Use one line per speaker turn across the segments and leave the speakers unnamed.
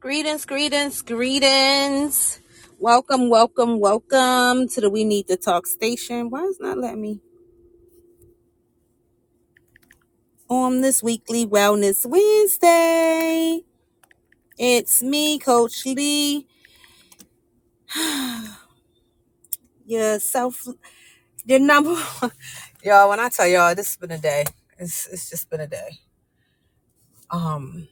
Greetings, greetings, greetings. Welcome, welcome, welcome to the We Need to Talk station. Why is not letting me on this weekly Wellness Wednesday? It's me, Coach Lee, your self, your number one. Y'all, when I tell y'all, this has been a day. It's, it's just been a day. Um,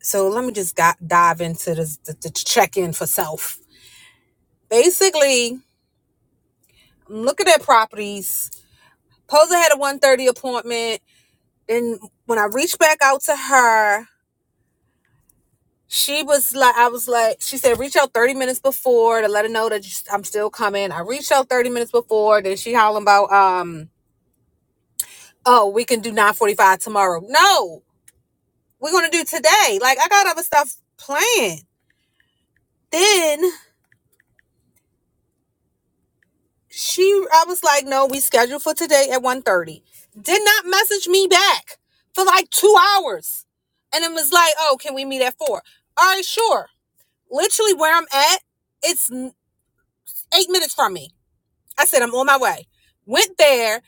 so let me just got, dive into this, the, the check in for self. Basically, I'm looking at properties. Pose had a 1:30 appointment Then when I reached back out to her, she was like, I was like, she said, reach out 30 minutes before to let her know that I'm still coming. I reached out 30 minutes before. Then she howling about, um, oh, we can do 945 tomorrow. No, we're going to do today. Like, I got other stuff planned. Then she, I was like, no, we scheduled for today at 1.30. Did not message me back for like two hours. And it was like, oh, can we meet at four? All right, sure. literally where I'm at, it's eight minutes from me. I said, I'm on my way. Went there,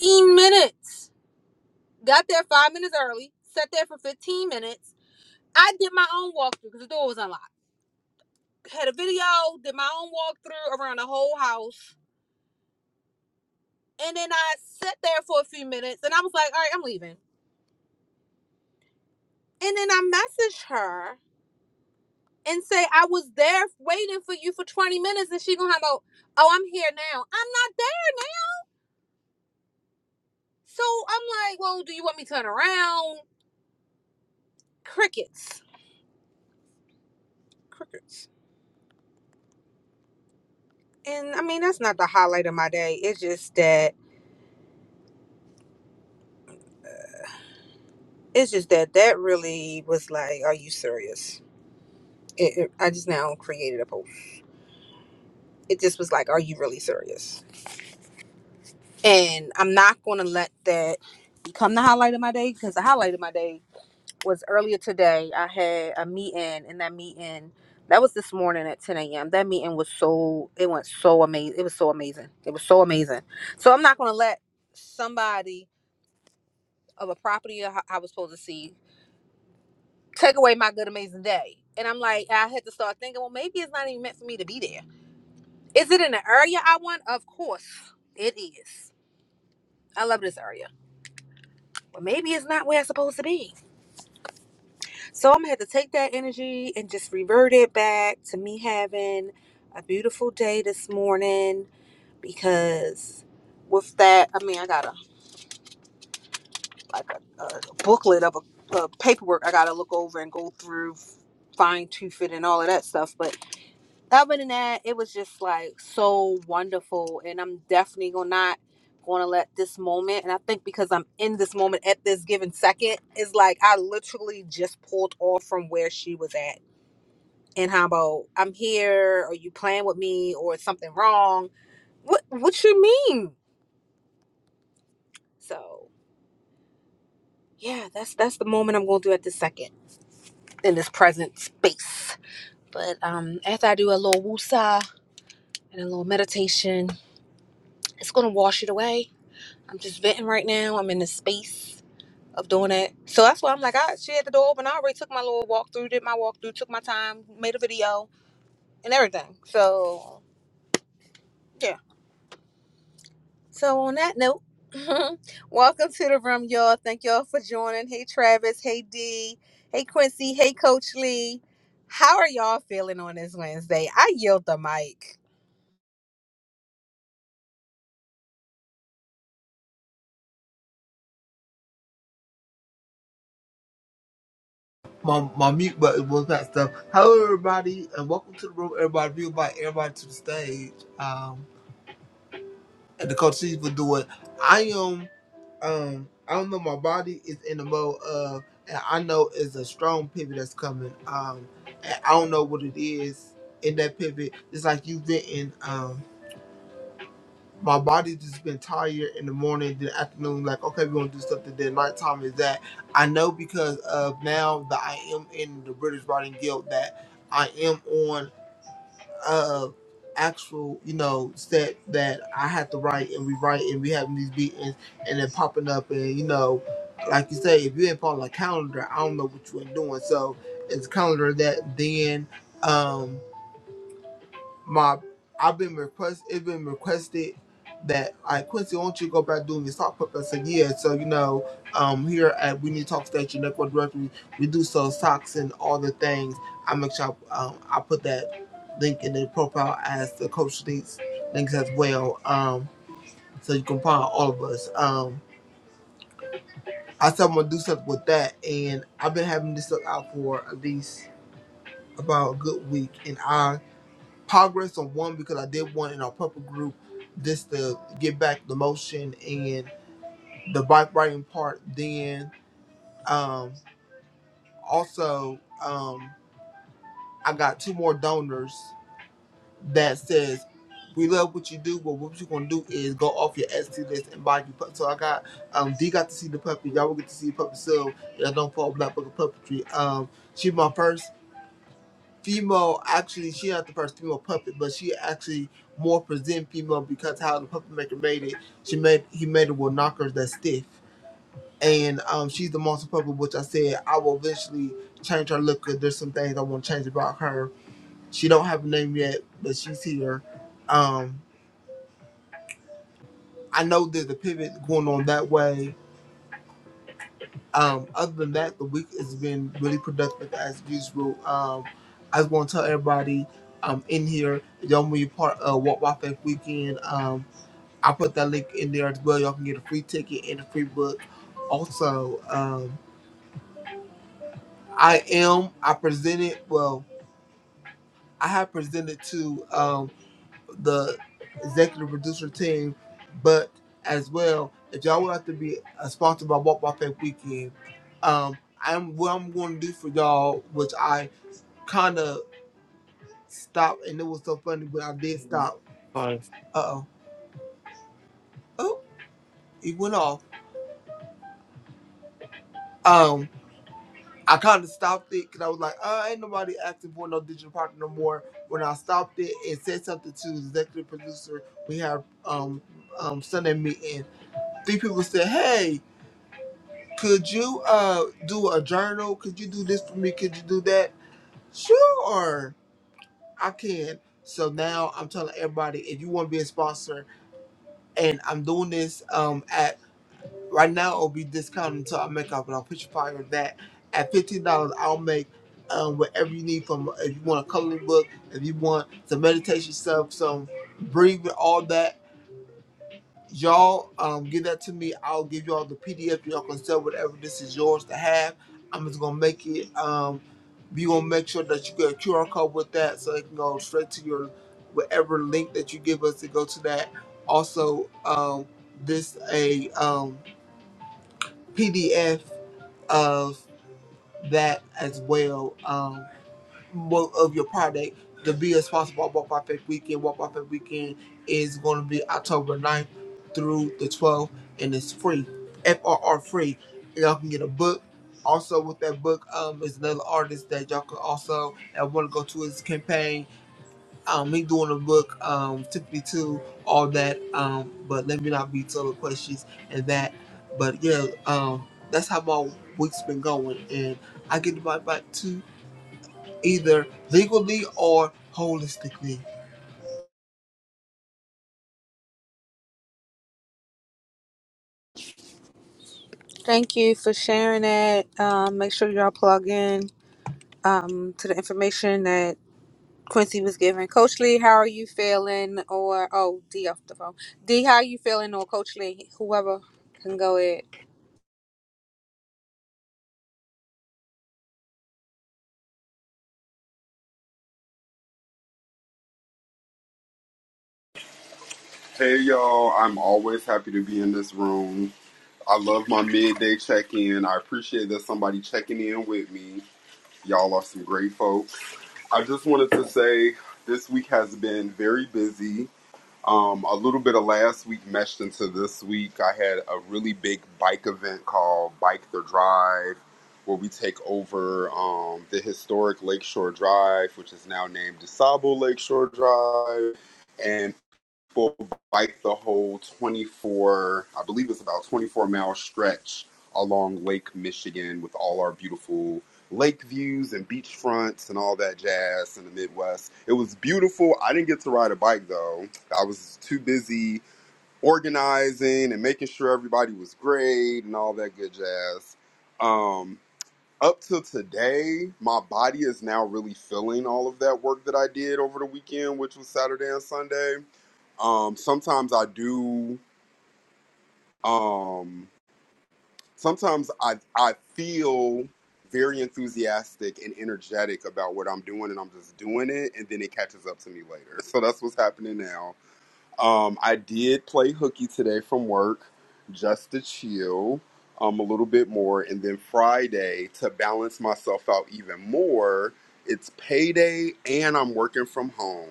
15 minutes. Got there five minutes early, sat there for 15 minutes. I did my own walkthrough because the door was unlocked. Had a video, did my own walkthrough around the whole house. And then I sat there for a few minutes and I was like, all right, I'm leaving. And then I messaged her and say, I was there waiting for you for 20 minutes. And she gonna have no, oh, I'm here now. I'm not So I'm like, well, do you want me to turn around? Crickets. Crickets. And I mean, that's not the highlight of my day. It's just that, it's just that that really was like, are you serious? It, it, I just now created a post. It just was like, are you really serious? And I'm not going to let that become the highlight of my day because the highlight of my day was earlier today. I had a meeting, and that meeting that was this morning at 10 a.m. That meeting was so it went so amazing. It was so amazing. It was so amazing. So I'm not gonna let somebody of a property I I was supposed to see take away my good amazing day. And I'm like, I had to start thinking, well, maybe it's not even meant for me to be there. Is it in the area I want? Of course, it is. I love this area, but maybe it's not where I'm supposed to be So I'm gonna have to take that energy and just revert it back to me having a beautiful day this morning because with that, I mean, I got a like a, a booklet of a, a paperwork I gotta look over and go through, fine tooth it and all of that stuff. But other than that, it was just like so wonderful, and I'm definitely gonna not gonna let this moment and i think because i'm in this moment at this given second is like i literally just pulled off from where she was at and how about I'm here, or you playing with me, or something wrong. What what you mean? So yeah, that's that's the moment I'm gonna do at this second in this present space. But um after I do a little woosah and a little meditation, it's gonna wash it away. I'm just venting right now. I'm in the space of doing it. So that's why I'm like, I she had the door open. I already took my little walkthrough, did my walkthrough, took my time, made a video and everything. So yeah. So on that note, welcome to the room, y'all. Thank y'all for joining. Hey Travis, hey D, hey Quincy, hey Coach Lee. How are y'all feeling on this Wednesday? I yield the mic.
my, my mute button was that stuff. Hello, everybody, and welcome to the room. Everybody, we invite everybody to the stage. Um, and the coach C's will do it. I am, um, I don't know, my body is in the mode of, and I know it's a strong pivot that's coming. Um, and I don't know what it is in that pivot. It's like you venting. Um, my body just been tired in the morning, then afternoon, like, okay, we're gonna do something, then nighttime is that. I know because of now that I am in the British Writing Guild that I am on uh actual, you know, set that I have to write and we write and we having these meetings and then popping up and you know, like you say, if you ain't following a calendar, I don't know what you ain't doing. So it's a calendar that then um my I've been request it's been requested that I Quincy, why don't you go back doing your sock puppet? I said, yeah, so you know, um here at We Need Talk Station Network Directory, we do sell socks and all the things. I make sure I, um, I put that link in the profile as the coach needs links as well. Um so you can find all of us. Um I said I'm gonna do something with that and I've been having this stuff out for at least about a good week and I progress on one because I did one in our purple group just to get back the motion and the bike riding part. Then um, also um, I got two more donors that says we love what you do, but what you gonna do is go off your ST list and buy you pup. So I got um D got to see the puppy. Y'all will get to see the puppy soon. y'all don't fall black book of puppetry. Um she's my first female actually she not the first female puppet, but she actually more present female because how the puppet maker made it. She made he made it with knockers that's stiff. And um, she's the monster puppet, which I said I will eventually change her look. 'cause There's some things I want to change about her. She don't have a name yet, but she's here. Um, I know there's a pivot going on that way um, other than that, the week has been really productive as usual. Um, I just want to tell everybody um, in here, y'all want to be part of Walk by Faith Weekend. Um, I put that link in there as well. Y'all can get a free ticket and a free book. Also, um, I am, I presented, well, I have presented to um, the executive producer team, but as well, if y'all would like to be a sponsor by Walk by Faith Weekend, um, I'm what I'm going to do for y'all, which I kind of stopped, and it was so funny, but I did stop.
five
Uh oh, oh, it went off. Um, I kind of stopped it because I was like, uh, ain't nobody asking for no digital partner no more. When I stopped it and said something to the executive producer, we have um um Sunday meeting. Three people said, "Hey, Could you uh do a journal? Could you do this for me? Could you do that? Sure, I can. So now I'm telling everybody if you want to be a sponsor, and I'm doing this um at right now it'll be discounted until I make up, and I'll put you probably on that at fifteen dollars. I'll make um whatever you need from if you want a coloring book, if you want some meditation stuff, some breathing, all that. y'all um give that to me. I'll give y'all the PDF. Y'all can sell whatever this is yours to have. I'm just gonna make it. Um, we gonna make sure that you get a QR code with that, so it can go straight to your whatever link that you give us to go to that. Also, um, this a um PDF of that as well. Um, more of your product the be a sponsor for Walk by Faith Weekend. Walk by Faith Weekend is going to be October ninth through the 12th, and it's free, FRR free. Y'all can get a book. Also, with that book, um, is another artist that y'all can also that want to go to his campaign. Um, he doing a book, um, Tiffany too, all that. Um, but let me not be total questions and that. But yeah, um, that's how my week's been going, and I get to my back too either legally or holistically.
Thank you for sharing it. Um, make sure y'all plug in um, to the information that Quincy was giving. Coach Lee, how are you feeling? Or oh, D off the phone. D, how are you feeling? Or Coach Lee, whoever can go ahead.
Hey y'all, I'm always happy to be in this room. I love my midday check in. I appreciate that somebody checking in with me. Y'all are some great folks. I just wanted to say this week has been very busy. Um, a little bit of last week meshed into this week. I had a really big bike event called Bike the Drive, where we take over um, the historic Lakeshore Drive, which is now named DeSable Lakeshore Drive. And will bike the whole 24, I believe it's about 24 mile stretch along Lake Michigan with all our beautiful lake views and beach fronts and all that jazz in the Midwest. It was beautiful. I didn't get to ride a bike though. I was too busy organizing and making sure everybody was great and all that good jazz. Um, up till today, my body is now really feeling all of that work that I did over the weekend, which was Saturday and Sunday. Um, sometimes I do. Um, sometimes I I feel very enthusiastic and energetic about what I'm doing, and I'm just doing it, and then it catches up to me later. So that's what's happening now. Um, I did play hooky today from work just to chill um, a little bit more. And then Friday, to balance myself out even more, it's payday and I'm working from home.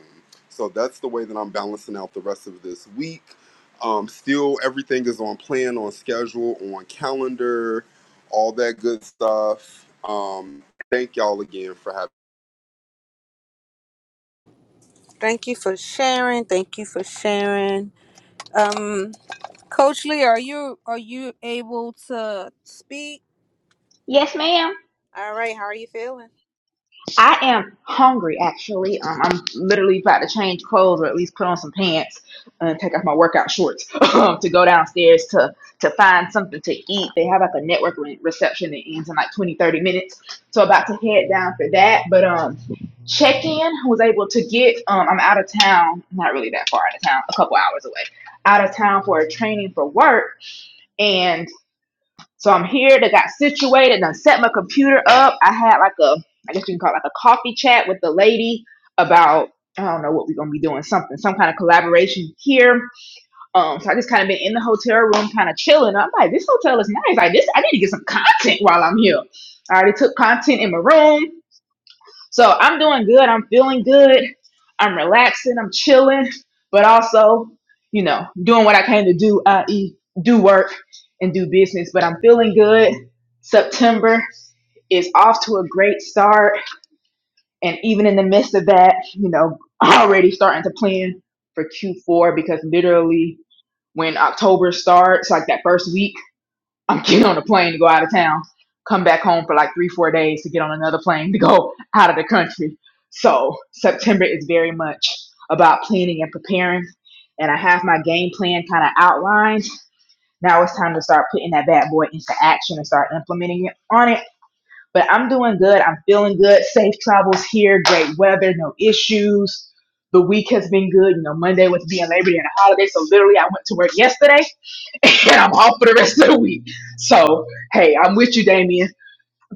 So that's the way that I'm balancing out the rest of this week. Um, still, everything is on plan, on schedule, on calendar, all that good stuff. Um, thank y'all again for having.
Thank you for sharing. Thank you for sharing. Um, Coach Lee, are you are you able to speak?
Yes, ma'am.
All right, how are you feeling?
I am hungry, actually. Um, I'm literally about to change clothes or at least put on some pants and take off my workout shorts to go downstairs to, to find something to eat. They have like a network re- reception that ends in like 20, 30 minutes. So about to head down for that. But um, check in was able to get, um, I'm out of town, not really that far out of town, a couple hours away, out of town for a training for work. So I'm here. They got situated and I set my computer up. I had like a, I guess you can call it like a coffee chat with the lady about, I don't know what we're going to be doing, something, some kind of collaboration here. Um, so I just kind of been in the hotel room, kind of chilling. I'm like, this hotel is nice. Like this, I need to get some content while I'm here. I already took content in my room. So I'm doing good. I'm feeling good. I'm relaxing. I'm chilling, but also, you know, doing what I came to do, i.e., do work and do business. But I'm feeling good. September is off to a great start. And even in the midst of that, you know, already starting to plan for Q4 because literally when October starts, like that first week, I'm getting on a plane to go out of town, come back home for like three, four days to get on another plane to go out of the country. So September is very much about planning and preparing. And I have my game plan kind of outlined. Now it's time to start putting that bad boy into action and start implementing it on it. But I'm doing good. I'm feeling good. Safe travels here. Great weather. No issues. The week has been good. You know, Monday was being Labor Day and a holiday. So literally, I went to work yesterday and I'm off for the rest of the week. So, hey, I'm with you, Damien.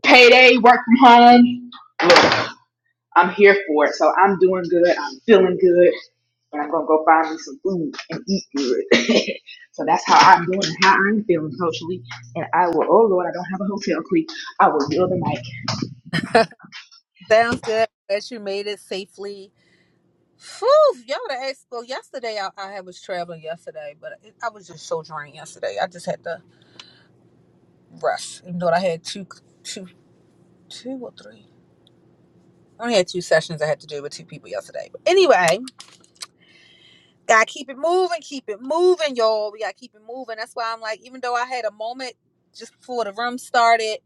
Payday, work from home. Look, I'm here for it. So I'm doing good. I'm feeling good. But I'm gonna go find me some food and eat good. so that's how I'm doing and how I'm feeling socially. And I will. Oh Lord, I don't have a hotel key. I will yield the mic.
Sounds good. Glad you made it safely. Phew, y'all the expo. Yesterday, I, I was traveling yesterday, but it, I was just so drained yesterday. I just had to rest, even though I had two, two, two or three. I only had two sessions I had to do with two people yesterday. But anyway, gotta keep it moving, keep it moving, y'all. We gotta keep it moving. That's why I'm like, even though I had a moment just before the room started,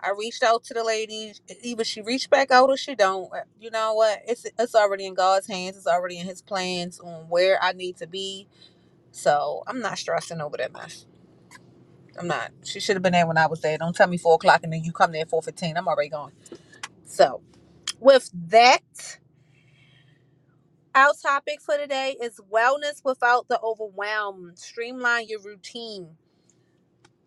I reached out to the lady. Either she reached back out or she don't. Uh, You know what? It's it's already in God's hands. It's already in His plans on where I need to be. So I'm not stressing over that mess. I'm not. She should have been there when I was there. Don't tell me four o'clock and then you come there at four fifteen. I'm already gone. So with that. Our topic for today is wellness without the overwhelm. Streamline your routine.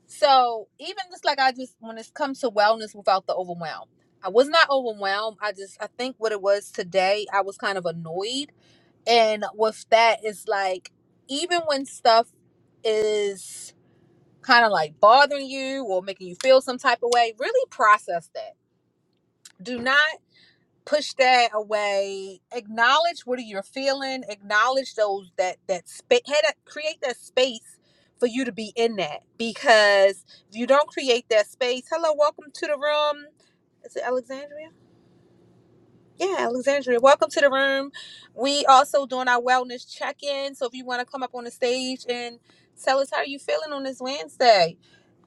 So, even just like I just, when it comes to wellness without the overwhelm, I was not overwhelmed. I just, I think what it was today, I was kind of annoyed. And with that, it's like, even when stuff is kind of like bothering you or making you feel some type of way, really process that. Do not push that away acknowledge what you are feeling acknowledge those that that space create that space for you to be in that because if you don't create that space hello welcome to the room is it alexandria yeah alexandria welcome to the room we also doing our wellness check-in so if you want to come up on the stage and tell us how you feeling on this wednesday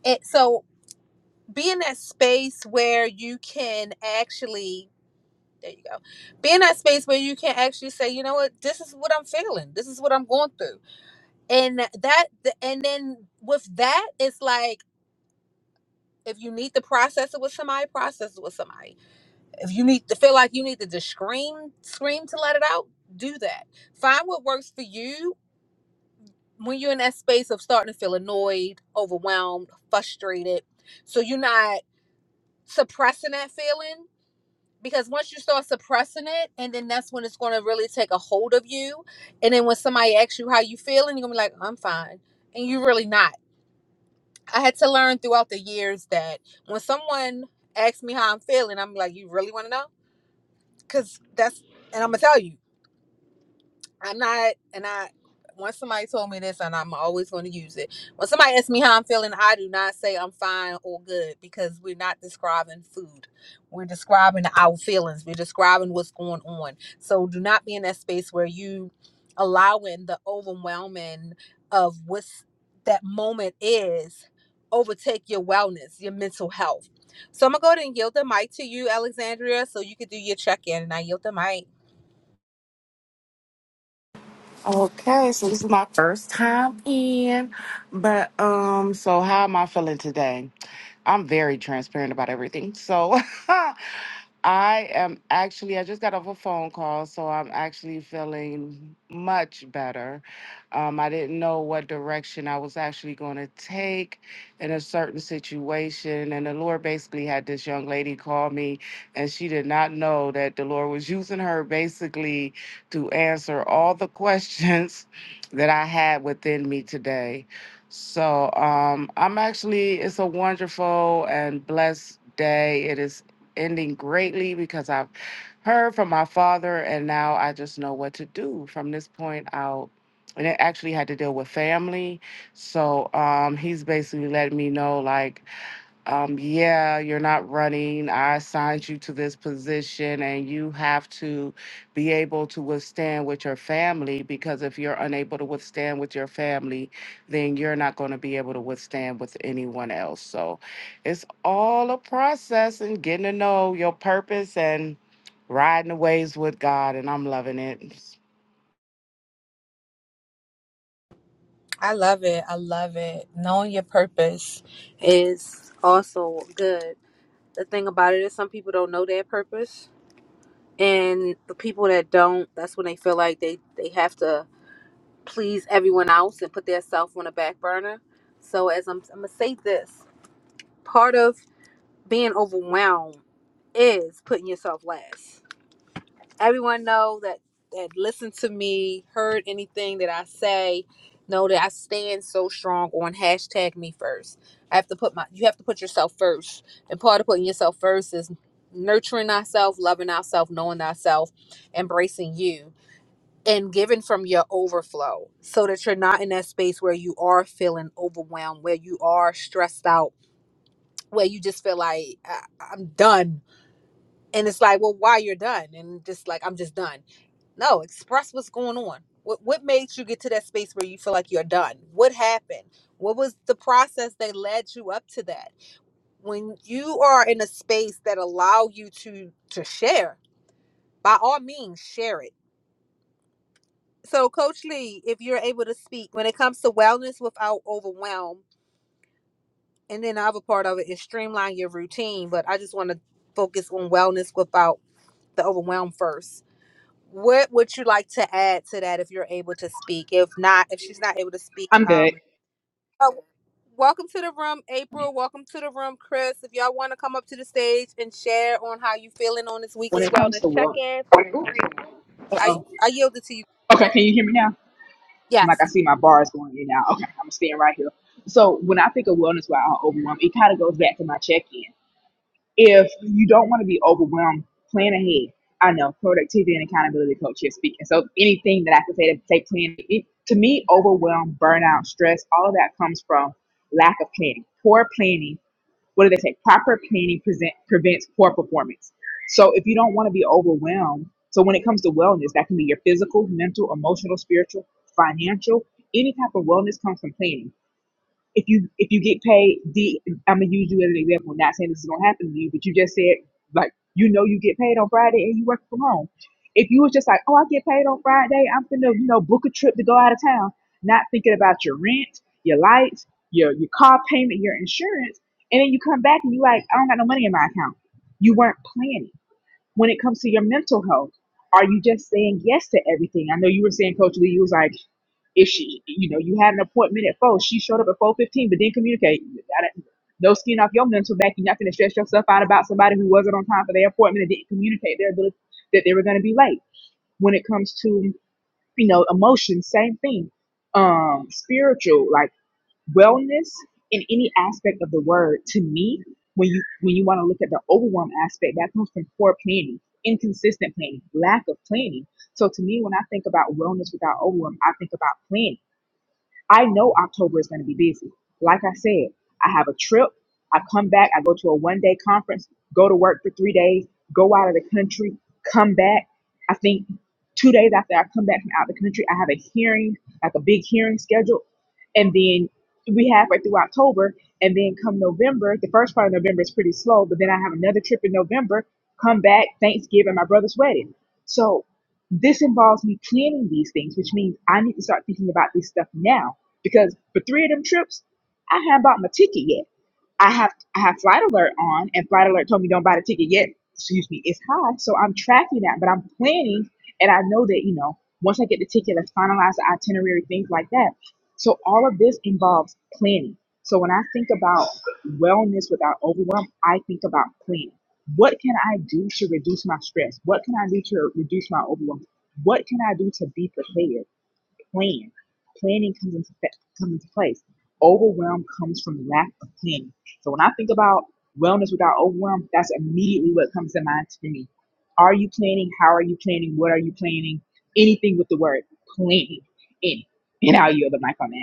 and so be in that space where you can actually there you go. Be in that space where you can actually say, you know what, this is what I'm feeling. This is what I'm going through. And that, and then with that, it's like if you need to process it with somebody, process it with somebody. If you need to feel like you need to just scream, scream to let it out, do that. Find what works for you when you're in that space of starting to feel annoyed, overwhelmed, frustrated. So you're not suppressing that feeling because once you start suppressing it and then that's when it's going to really take a hold of you and then when somebody asks you how you feeling you're going to be like i'm fine and you're really not i had to learn throughout the years that when someone asks me how i'm feeling i'm like you really want to know because that's and i'm going to tell you I'm not, and I, once somebody told me this, and I'm always going to use it. When somebody asks me how I'm feeling, I do not say I'm fine or good because we're not describing food. We're describing our feelings. We're describing what's going on. So do not be in that space where you allowing the overwhelming of what's that moment is overtake your wellness, your mental health. So I'm gonna go ahead and yield the mic to you, Alexandria, so you could do your check-in. And I yield the mic.
Okay, so this is my first time in, but um, so how am I feeling today? I'm very transparent about everything. So I am actually, I just got off a phone call, so I'm actually feeling much better. Um, I didn't know what direction I was actually going to take in a certain situation. And the Lord basically had this young lady call me, and she did not know that the Lord was using her basically to answer all the questions that I had within me today. So um, I'm actually, it's a wonderful and blessed day. It is ending greatly because I've heard from my father, and now I just know what to do from this point out. And it actually had to deal with family. So um, he's basically letting me know, like, um, yeah, you're not running. I assigned you to this position, and you have to be able to withstand with your family because if you're unable to withstand with your family, then you're not going to be able to withstand with anyone else. So it's all a process and getting to know your purpose and riding the waves with God, and I'm loving it.
I love it. I love it. Knowing your purpose is also good. The thing about it is some people don't know their purpose. And the people that don't, that's when they feel like they, they have to please everyone else and put themselves on the back burner. So as I'm, I'm going to say this, part of being overwhelmed is putting yourself last. everyone know that that listened to me, heard anything that I say, know that I stand so strong on hashtag me first. I have to put my you have to put yourself first. And part of putting yourself first is nurturing ourselves, loving ourselves, knowing ourselves, embracing you, and giving from your overflow so that you're not in that space where you are feeling overwhelmed, where you are stressed out, where you just feel like I- I'm done and it's like well why you're done and just like i'm just done no express what's going on what, what made you get to that space where you feel like you're done what happened what was the process that led you up to that when you are in a space that allow you to to share by all means share it so coach lee if you're able to speak when it comes to wellness without overwhelm and then the other part of it is streamline your routine but i just want to focus on wellness without the overwhelm first What would you like to add to that if you're able to speak? If not, if she's not able to speak,
I'm good.
um, oh, welcome to the room, April. Welcome to the room, Chris. If y'all want to come up to the stage and share on how you feeling on this
When
weekly
it comes to
wellness
well,
check-in,
oh, uh
I
oh.
I yield it to you.
Okay, can you hear me now? I'm like I
Yes,
see my bars going in now. Okay, I'm staying right here. So when I think of wellness, why I'm overwhelmed, it kind of goes back to my check-in. if you don't want to be overwhelmed, plan ahead. I know productivity and accountability coach here speaking. So anything that I could say to say plan it, to me, overwhelm, burnout, stress, all of that comes from lack of planning, poor planning. What do they say? Proper planning present, prevents poor performance. So if you don't want to be overwhelmed, so when it comes to wellness, that can be your physical, mental, emotional, spiritual, financial, any type of wellness comes from planning if you if you get paid D I'm gonna use you as an example, not saying this is gonna happen to you, but you just said like you know you get paid on Friday and you work from home. If you was just like, Oh, I get paid on Friday, I'm gonna, you know, book a trip to go out of town, not thinking about your rent, your lights, your your car payment, your insurance, and then you come back and you like, I don't got no money in my account. You weren't planning. When it comes to your mental health, are you just saying yes to everything? I know you were saying, Coach Lee, you was like if she, you know, you had an appointment at four, she showed up at four fifteen, but didn't communicate. I don't- No skin off your mental back. You're not going to stress yourself out about somebody who wasn't on time for their appointment and didn't communicate their ability that they were going to be late. When it comes to, you know, emotions, same thing. Um, spiritual, like wellness in any aspect of the word. To me, when you when you want to look at the overwhelm aspect, that comes from poor planning, inconsistent planning, lack of planning. So to me, when I think about wellness without overwhelm, I think about planning. I know October is going to be busy. Like I said, I have a trip. I come back. I go to a one day conference, go to work for three days, go out of the country, come back. I think two days after I come back from out of the country, I have a hearing, like a big hearing scheduled. And then we halfway through October. And then come November, the first part of November is pretty slow, but then I have another trip in November, come back, Thanksgiving, my brother's wedding. So this involves me planning these things, which means I need to start thinking about this stuff now because for three of them trips, I hadn't bought my ticket yet. I have I have flight alert on, and flight alert told me don't buy the ticket yet. Excuse me, it's high, so I'm tracking that, but I'm planning, and I know that you know once I get the ticket, let's finalize the itinerary, things like that. So all of this involves planning. So when I think about wellness without overwhelm, I think about planning. What can I do to reduce my stress? What can I do to reduce my overwhelm? What can I do to be prepared? plan. Planning comes into fa- comes into place. Overwhelm comes from lack of planning. So when I think about wellness without overwhelm, that's immediately what comes to mind for me. Are you planning? How are you planning? What are you planning? Anything with the word planning in. it. And I'll yield the mic on that.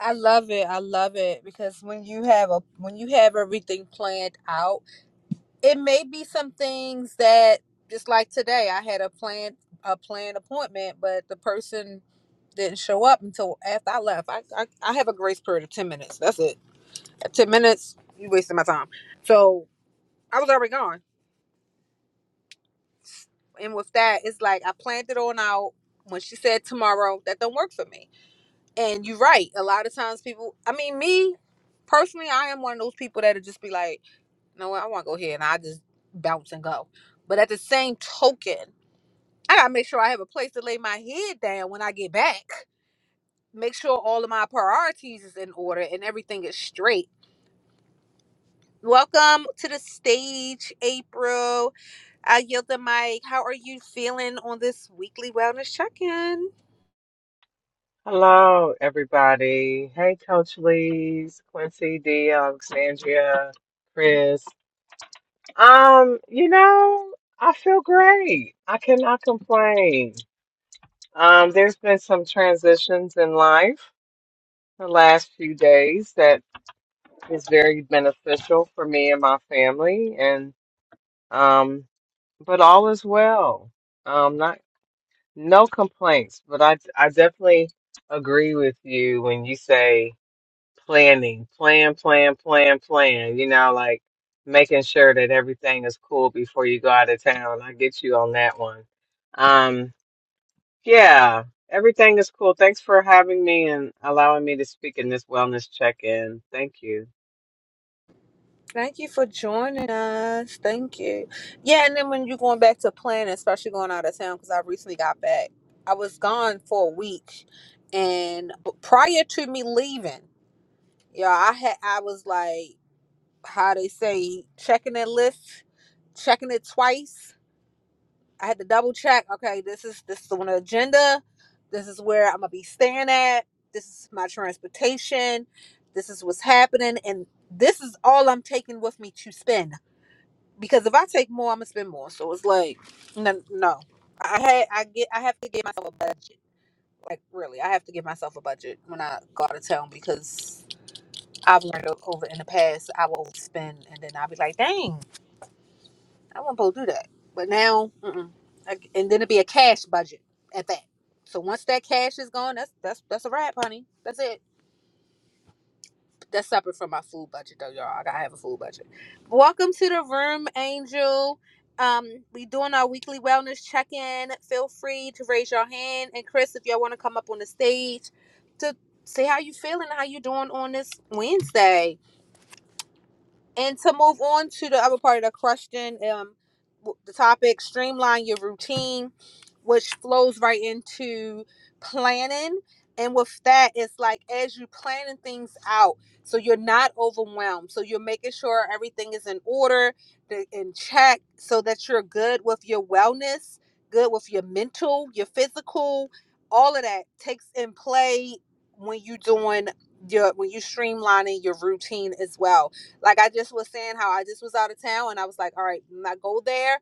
I love it. I love it because when you have a when you have everything planned out it may be some things that just like today i had a planned a planned appointment but the person didn't show up until after i left i i, I have a grace period of 10 minutes that's it At 10 minutes you wasted my time so i was already gone and with that it's like i planned it on out when she said tomorrow that don't work for me and you're right a lot of times people i mean me personally i am one of those people that'll just be like you know what i want to go here and i just bounce and go but at the same token I gotta make sure I have a place to lay my head down when I get back. Make sure all of my priorities is in order and everything is straight. Welcome to the stage, April. I yield the mic. How are you feeling on this weekly wellness check-in?
Hello, everybody. Hey, Coach Lee's, Quincy, D, Alexandria, Chris. Um, you know, I feel great. I cannot complain. Um, there's been some transitions in life the last few days that is very beneficial for me and my family, and um, but all is well. Um, not no complaints, but I I definitely agree with you when you say. planning, plan, plan, plan, plan, you know, like making sure that everything is cool before you go out of town. I get you on that one. Um, yeah, everything is cool. Thanks for having me and allowing me to speak in this wellness check-in. Thank you.
Thank you for joining us. Thank you. Yeah, and then when you're going back to planning, especially going out of town, because I recently got back. I was gone for a week, and prior to me leaving, yeah, I had I was like. how they say checking that list, checking it twice. I had to double check. Okay, this is this is on the agenda. This is where I'm gonna be staying at. This is my transportation. This is what's happening, and this is all I'm taking with me to spend. Because if I take more, I'm gonna spend more. So it's like, no, no. I had I get I have to give myself a budget. Like really, I have to give myself a budget when I go out of town because I've learned o- over in the past I will spend and then I'll be like, dang. I wasn't supposed to do that. But now, mm-mm. Like, and then it'd be a cash budget at that. So once that cash is gone, that's that's that's a wrap, honey. That's it. That's separate from my food budget, though, y'all. I gotta have a food budget. Welcome to the room, Angel. Um, we doing our weekly wellness check-in. Feel free to raise your hand, and Chris, if y'all want to come up on the stage to say how you feeling, how you doing on this Wednesday. And to move on to the other part of the question, um, w- the topic streamline your routine, which flows right into planning. And with that, it's like as you planning things out, so you're not overwhelmed. So you're making sure everything is in order, th- in check, so that you're good with your wellness, good with your mental, your physical, all of that takes in play when you are doing your when you are streamlining your routine as well like I just was saying how I just was out of town and I was like, all right, when I go there,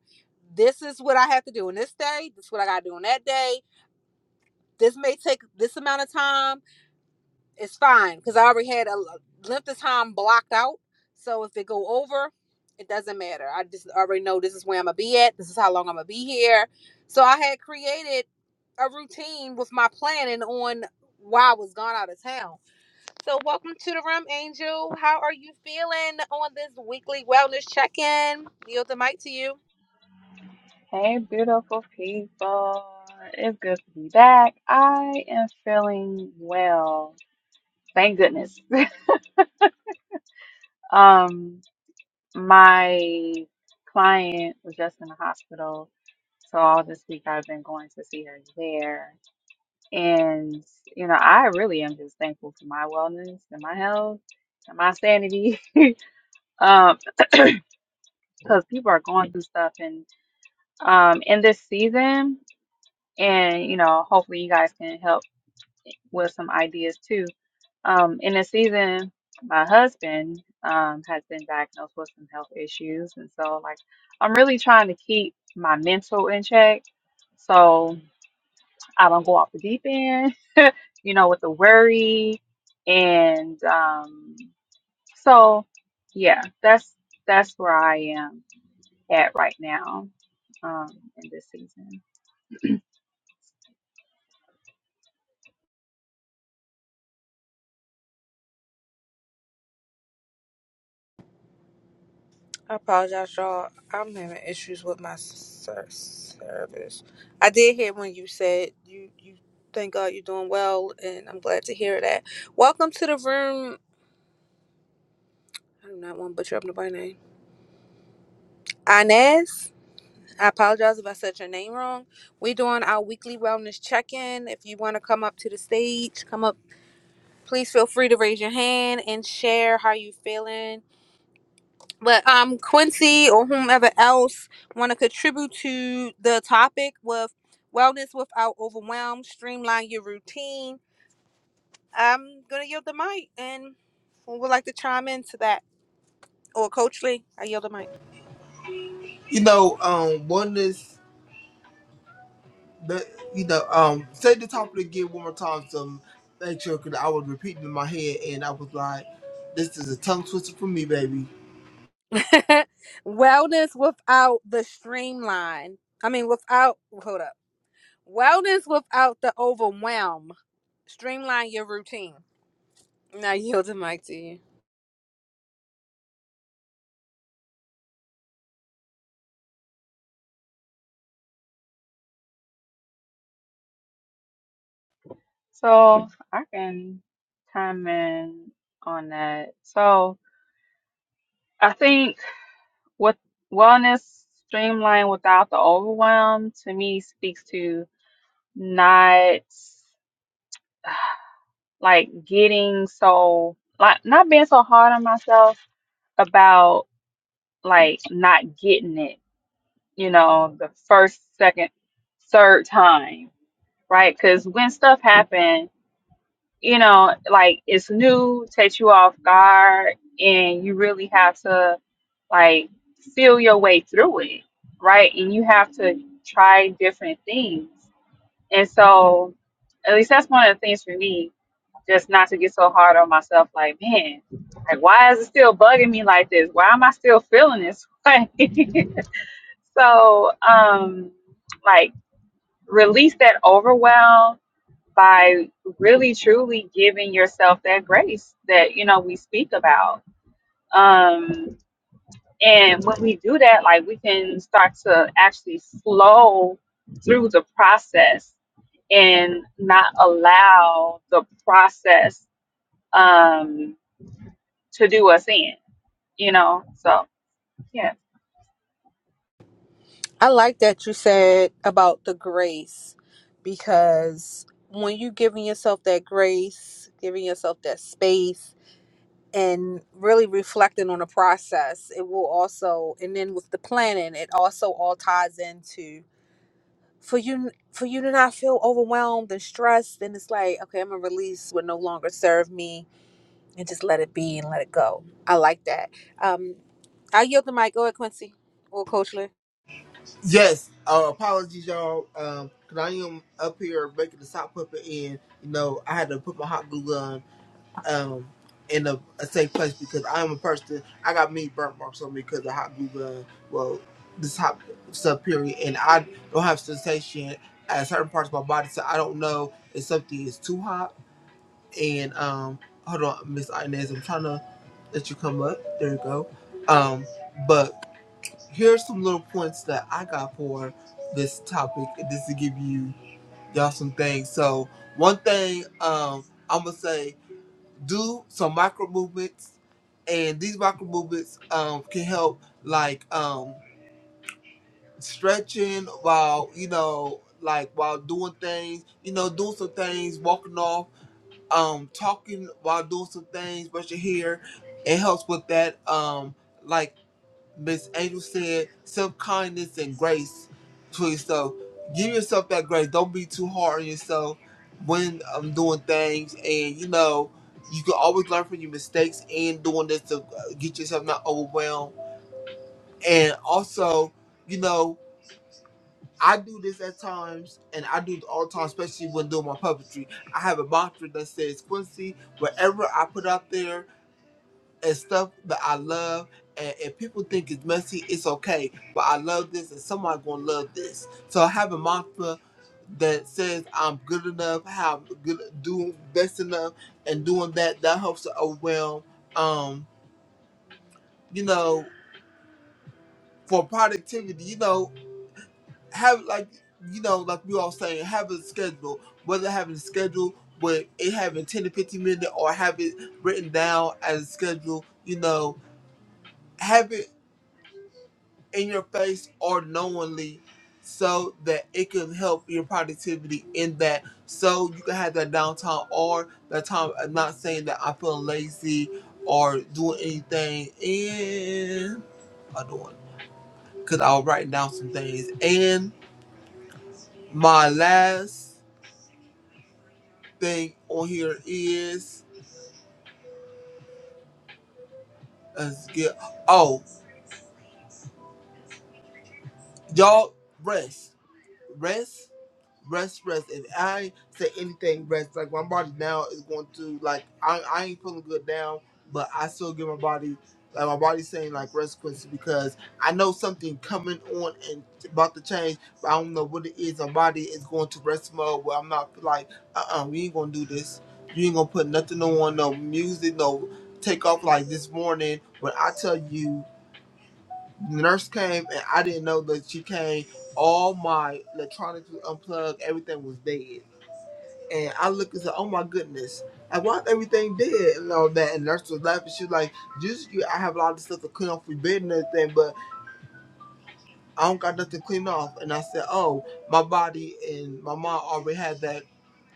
this is what I have to do on this day. This is what I got to do on that day. This may take this amount of time. It's fine because I already had a length of time blocked out. So if it go over, it doesn't matter. I just already know this is where I'm gonna be at. This is how long I'm gonna be here. So I had created a routine with my planning on why I was gone out of town so, welcome to the room, Angel. How are you feeling on this weekly wellness check in? Yield the mic to you.
Hey, beautiful people. It's good to be back. I am feeling well. Thank goodness. Um, my client was just in the hospital, so all this week I've been going to see her there. And, you know, I really am just thankful for my wellness and my health and my sanity. Um, because people are going through stuff and um in this season and you know, hopefully you guys can help with some ideas too. Um, in the season, my husband um, has been diagnosed with some health issues, and so like I'm really trying to keep my mental in check, so I don't go off the deep end, you know, with the worry, and um, so yeah, that's that's where I am at right now um, in this season.
I apologize, y'all. I'm having issues with my ser- service. I did hear when you said you you thank God you're doing well, and I'm glad to hear that. Welcome to the room. I do not want to butcher up nobody's name. Inez. I apologize if I said your name wrong. We're doing our weekly wellness check-in. If you want to come up to the stage, come up. please feel free to raise your hand and share how you feeling. But um, Quincy or whomever else want to contribute to the topic with wellness without overwhelm, streamline your routine. I'm gonna yield the mic, and who would like to chime into that? Or Coach Lee, I yield the mic.
You know, um, oneness. That you know, um, say the topic again one more time to make sure because I was repeating in my head and I was like, "This is a tongue twister for me, baby."
wellness without the streamline. I mean, without hold up. Wellness without the overwhelm. Streamline your routine. Now yield the mic to you.
So I can comment on that. So I think what wellness streamlined without the overwhelm to me speaks to not like getting so like not being so hard on myself about like not getting it, you know, the first, second, third time, right? Because when stuff happens. you know, like it's new, takes you off guard, and you really have to like feel your way through it, right? And you have to try different things. And so, at least that's one of the things for me, just not to get so hard on myself. Like, man, like why is it still bugging me like this? Why am I still feeling this way? so, um, like release that overwhelm by really truly giving yourself that grace that you know we speak about um and when we do that like we can start to actually slow through the process and not allow the process um to do us in you know so yeah
I like that you said about the grace because when you giving yourself that grace, giving yourself that space and really reflecting on the process, it will also and then with the planning, it also all ties into for you for you to not feel overwhelmed and stressed and it's like, okay, I'm gonna release what no longer serve me and just let it be and let it go. I like that. Um I yield the mic. Go ahead, Quincy or Coach Lynn.
Yes, uh, apologies, y'all. Um, cause I am up here making the sock puppet, and you know, I had to put my hot glue on. um, in a, a safe place because I'm a person. I got me burn marks on me because of hot glue gun. Well, this hot stuff period, and I don't have sensation at certain parts of my body, so I don't know if something is too hot. And um, hold on, Miss Inez, I'm trying to let you come up. There you go. Um, but here's some little points that I got for this topic. This to give you y'all some things. So one thing um, I'm gonna say do some micro movements, and these micro movements um, can help like um, stretching while you know like while doing things, you know, doing some things, walking off, um, talking while doing some things, brush your hair. It helps with that. Um, like Miss Angel said, self kindness and grace to yourself. Give yourself that grace. Don't be too hard on yourself when I'm doing things. And you know, you can always learn from your mistakes and doing this to uh, get yourself not overwhelmed. And also, you know, I do this at times, and I do it all the time, especially when doing my puppetry. I have a mantra that says, Quincy, whatever I put out there and stuff that I love. And if people think it's messy, it's okay. But I love this, and someone gonna love this. So having mantra that says I'm good enough, how I'm good, doing best enough, and doing that that helps to overwhelm. Um, you know, for productivity, you know, have like you know, like we all saying, have a schedule. Whether having a schedule with it having 10 to 15 minutes or have it written down as a schedule, you know, have it. in your face or knowingly so that it can help your productivity in that so you can have that downtime or that time I'm not saying that I feel lazy or doing anything and I'm doing because I'll write down some things and my last thing on here is let's get oh y'all rest rest rest, rest. If I say anything, rest. Like my body now is going to like I, I ain't feeling good now, but I still give my body like my body's saying like rest, Quincy, because I know something coming on and about to change, but I don't know what it is. My body is going to rest mode where I'm not like uh uh we ain't gonna do this. You ain't gonna put nothing on, no music, no take off like this morning when I tell you the nurse came and I didn't know that she came. All my electronics was unplugged, everything was dead. And I looked and said, Oh my goodness. Like why is everything dead and all that? And the nurse was laughing. She was like, Usually I have a lot of stuff to clean off your bed and everything, but I don't got nothing to clean off. And I said, Oh, my body and my mom already had that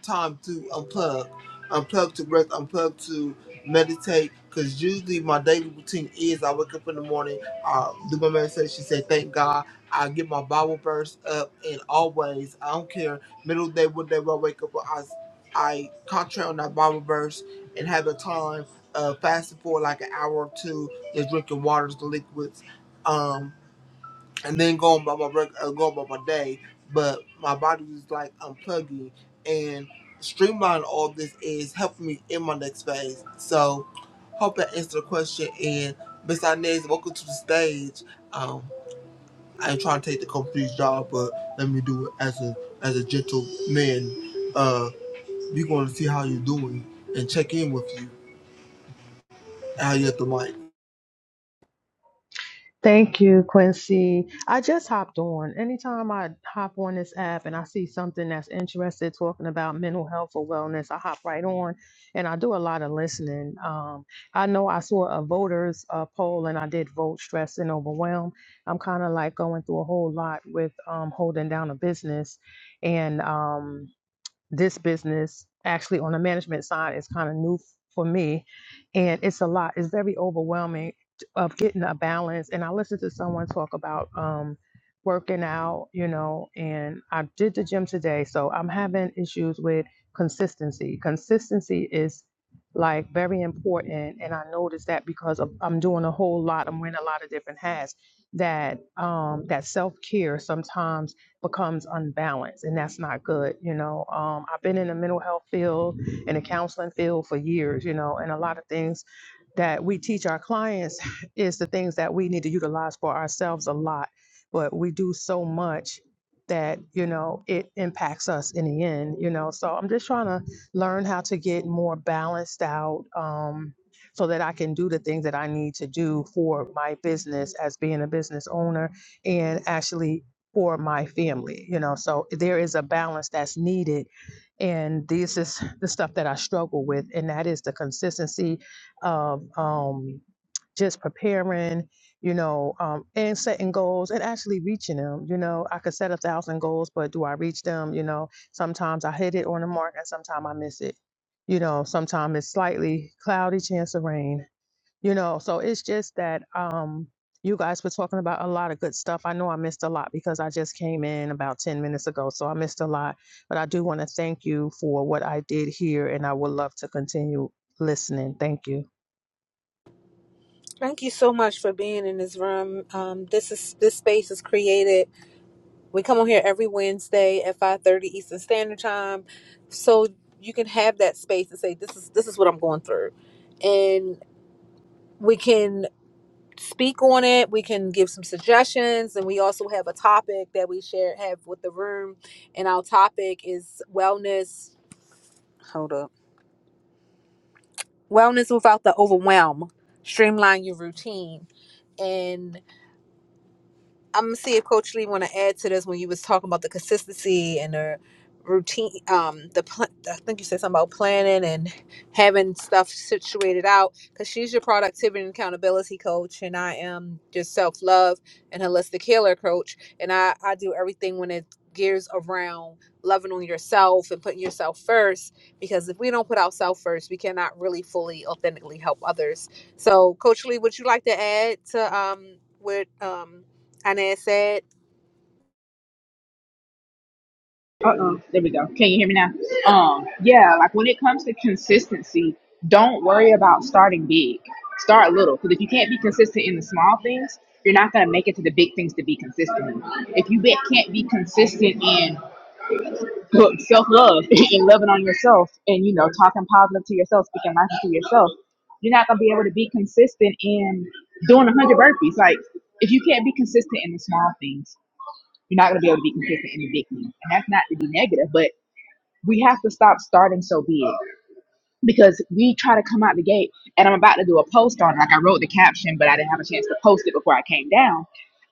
time to unplug, unplug to rest, unplug to meditate. Cause usually my daily routine is I wake up in the morning, I do my meditation, say thank God. I get my Bible verse up, and always I don't care middle of the day, what day I wake up, I I concentrate on that Bible verse and have a time uh, fasting for like an hour or two, just drinking waters, the liquids. Um, and then going by my reg- uh, going by my day, but my body was like unplugging and streamlining all this is helping me in my next phase. So, hope that answered the question. And Miss Inez, welcome to the stage. Um, I ain't trying to take the company's job, but let me do it as a as a gentleman. Uh, we going to see how you're doing and check in with you. How you at the mic?
Thank you, Quincy. I just hopped on. Anytime I hop on this app and I see something that's interested talking about mental health or wellness, I hop right on and I do a lot of listening. Um, I know I saw a voters uh, poll and I did vote stress and overwhelm. I'm kind of like going through a whole lot with um, holding down a business and um, this business actually on the management side is kind of new for me and it's a lot it's very overwhelming t- of getting a balance and i listened to someone talk about um working out you know and i did the gym today so i'm having issues with consistency consistency is like very important and i noticed that because of, i'm doing a whole lot i'm wearing a lot of different hats that um that self-care sometimes becomes unbalanced and that's not good you know um, i've been in the mental health field in the counseling field for years you know and a lot of things that we teach our clients is the things that we need to utilize for ourselves a lot but we do so much that you know it impacts us in the end you know so i'm just trying to learn how to get more balanced out um, so that i can do the things that i need to do for my business as being a business owner and actually for my family, you know. So there is a balance that's needed. And this is the stuff that I struggle with, and that is the consistency of um, just preparing, you know, um, and setting goals and actually reaching them. You know, I could set a thousand goals, but do I reach them? You know, sometimes I hit it on the mark and sometimes I miss it. You know, sometimes it's slightly cloudy chance of rain you know so it's just that um you guys were talking about a lot of good stuff i know i missed a lot because i just came in about 10 minutes ago so i missed a lot but i do want to thank you for what i did here and i would love to continue listening thank you
Thank you so much for being in this room. Um, this is this space is created. We come on here every Wednesday at five thirty Eastern Standard Time, so you can have that space and say, "This is this is what I'm going through," and we can speak on it. We can give some suggestions, and we also have a topic that we share have with the room. And our topic is wellness. Hold up, wellness without the overwhelm. Streamline your routine and. I'm gonna see if Coach Lee want to add to this when you was talking about the consistency and the routine. Um, the pl- I think you said something about planning and having stuff situated out because she's your productivity and accountability coach, and I am your self love and holistic healer coach, and I I do everything when it gears around loving on yourself and putting yourself first because if we don't put ourselves first we cannot really fully authentically help others so coach lee would you like to add to um with um and it said,
uh oh there we go can you hear me now
yeah,
um yeah like when it comes to consistency don't worry about starting big start little because if you can't be consistent in the small things you're not going to make it to the big things to be consistent in. if you be, can't be consistent in look, self-love and loving on yourself and you know talking positive to yourself speaking life to yourself you're not going to be able to be consistent in doing 100 burpees like if you can't be consistent in the small things you're not going to be able to be consistent in the big things and that's not to be negative but we have to stop starting so big because we try to come out the gate and i'm about to do a post on like i wrote the caption but i didn't have a chance to post it before i came down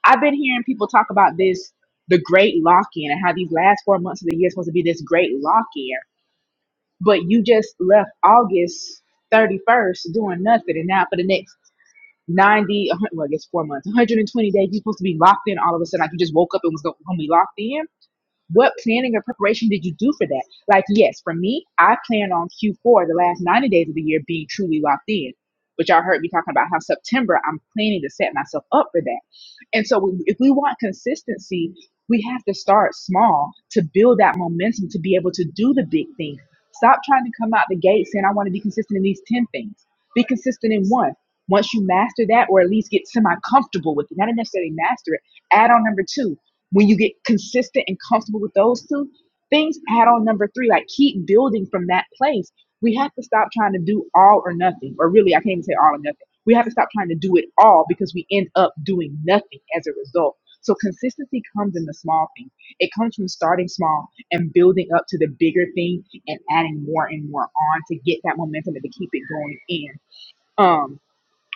i've been hearing people talk about this the great lock-in and how these last four months of the year is supposed to be this great lock-in but you just left august 31st doing nothing and now for the next 90 one hundred well i guess four months 120 days you're supposed to be locked in all of a sudden like you just woke up and was going to be locked in what planning or preparation did you do for that? Like, yes, for me, I plan on Q4, the last 90 days of the year, being truly locked in. But y'all heard me talking about how September, I'm planning to set myself up for that. And so, we, if we want consistency, we have to start small to build that momentum to be able to do the big things. Stop trying to come out the gate saying, I want to be consistent in these 10 things. Be consistent in one. Once you master that, or at least get semi comfortable with it, not necessarily master it, add on number two when you get consistent and comfortable with those two things add on number three like keep building from that place we have to stop trying to do all or nothing or really i can't even say all or nothing we have to stop trying to do it all because we end up doing nothing as a result so consistency comes in the small things it comes from starting small and building up to the bigger thing and adding more and more on to get that momentum and to keep it going in Um,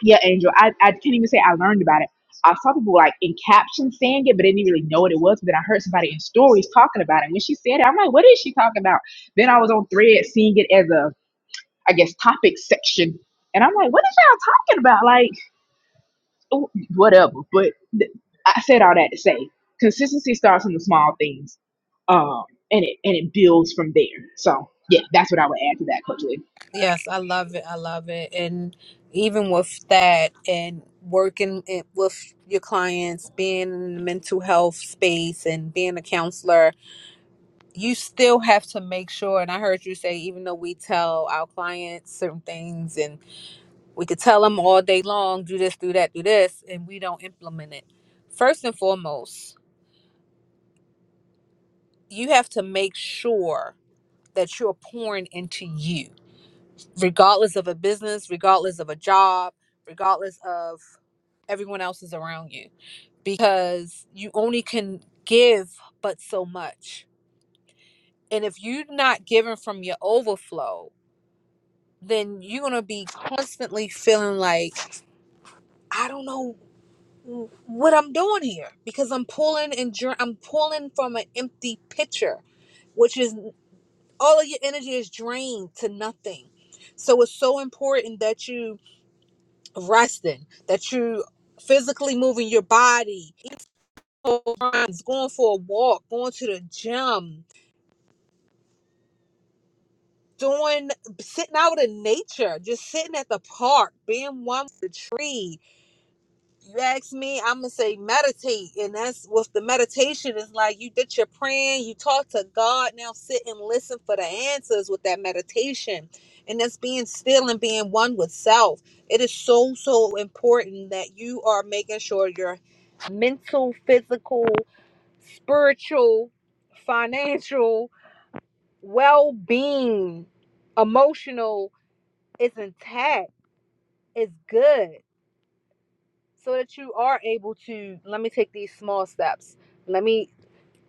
yeah, Angel. I, I can't even say I learned about it. I saw people like in captions saying it, but didn't really know what it was. But then I heard somebody in stories talking about it. when she said it, I'm like, what is she talking about? Then I was on thread seeing it as a, I guess, topic section. And I'm like, what is y'all talking about? Like, oh, whatever. But th- I said all that to say consistency starts in the small things. Um, and it and it builds from there. So yeah, that's what I would add to that, Coach Lee.
Yes, I love it. I love it. And even with that and working it with your clients, being in the mental health space and being a counselor, you still have to make sure. And I heard you say, even though we tell our clients certain things and we could tell them all day long, do this, do that, do this, and we don't implement it. First and foremost, you have to make sure that you're pouring into you regardless of a business, regardless of a job, regardless of everyone else is around you because you only can give but so much. And if you're not giving from your overflow, then you're going to be constantly feeling like I don't know what I'm doing here because I'm pulling and dra- I'm pulling from an empty pitcher, which is all of your energy is drained to nothing. So it's so important that you resting, that you physically moving your body, going for a walk, going to the gym, doing sitting out in nature, just sitting at the park, being one with the tree, you ask me, I'm gonna say meditate, and that's with the meditation It's like you did your praying, you talk to God, now sit and listen for the answers with that meditation, and that's being still and being one with self. It is so so important that you are making sure your mental, physical, spiritual, financial well being, emotional is intact, It's good so that you are able to let me take these small steps let me